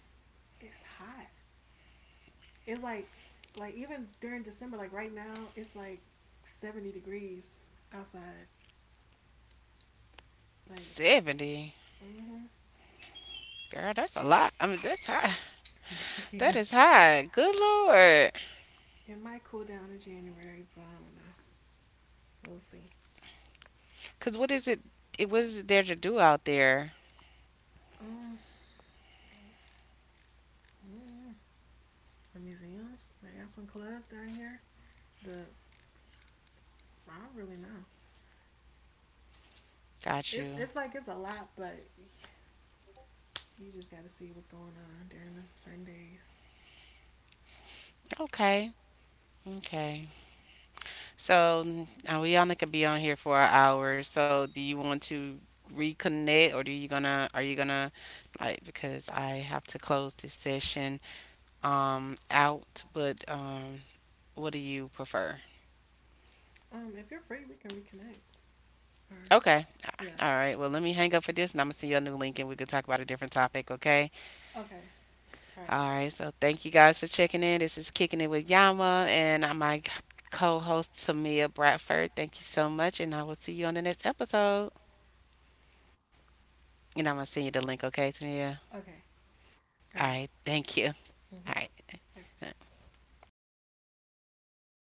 Speaker 2: it's hot. It like even during December, like right now, it's like 70 degrees outside. Like,
Speaker 1: 70,
Speaker 2: mm-hmm.
Speaker 1: girl, that's a lot. I mean, that's high. That
Speaker 2: Yeah.
Speaker 1: is high. Good lord.
Speaker 2: It might cool down in January, but I don't know. We'll see.
Speaker 1: Cause what is it? It was there to do out there.
Speaker 2: Um, mm, the museums. They got some clubs down here. The I don't really know.
Speaker 1: Got
Speaker 2: It's
Speaker 1: you.
Speaker 2: it's like it's a lot, but you just got to see what's going on during them certain days.
Speaker 1: Okay. Okay. So now we only could be on here for an hour. So do you want to reconnect, or do you gonna? Are you gonna like? Because I have to close this session out. But what do you prefer?
Speaker 2: If you're free, we can reconnect. Or
Speaker 1: Okay.
Speaker 2: yeah.
Speaker 1: All right. Well, let me hang up for this, and I'm gonna send you a new link, and we could talk about a different topic. Okay.
Speaker 2: Okay. All right.
Speaker 1: All right, so thank you guys for checking in. This is Kicking It with Yama and I'm my co host, Tamia Bradford. Thank you so much, and I will see you on the next episode. And I'm going to send you the link, okay, Tamia?
Speaker 2: Okay.
Speaker 1: All
Speaker 2: All
Speaker 1: right,
Speaker 2: right.
Speaker 1: thank you. All right.
Speaker 2: Mhm. Okay.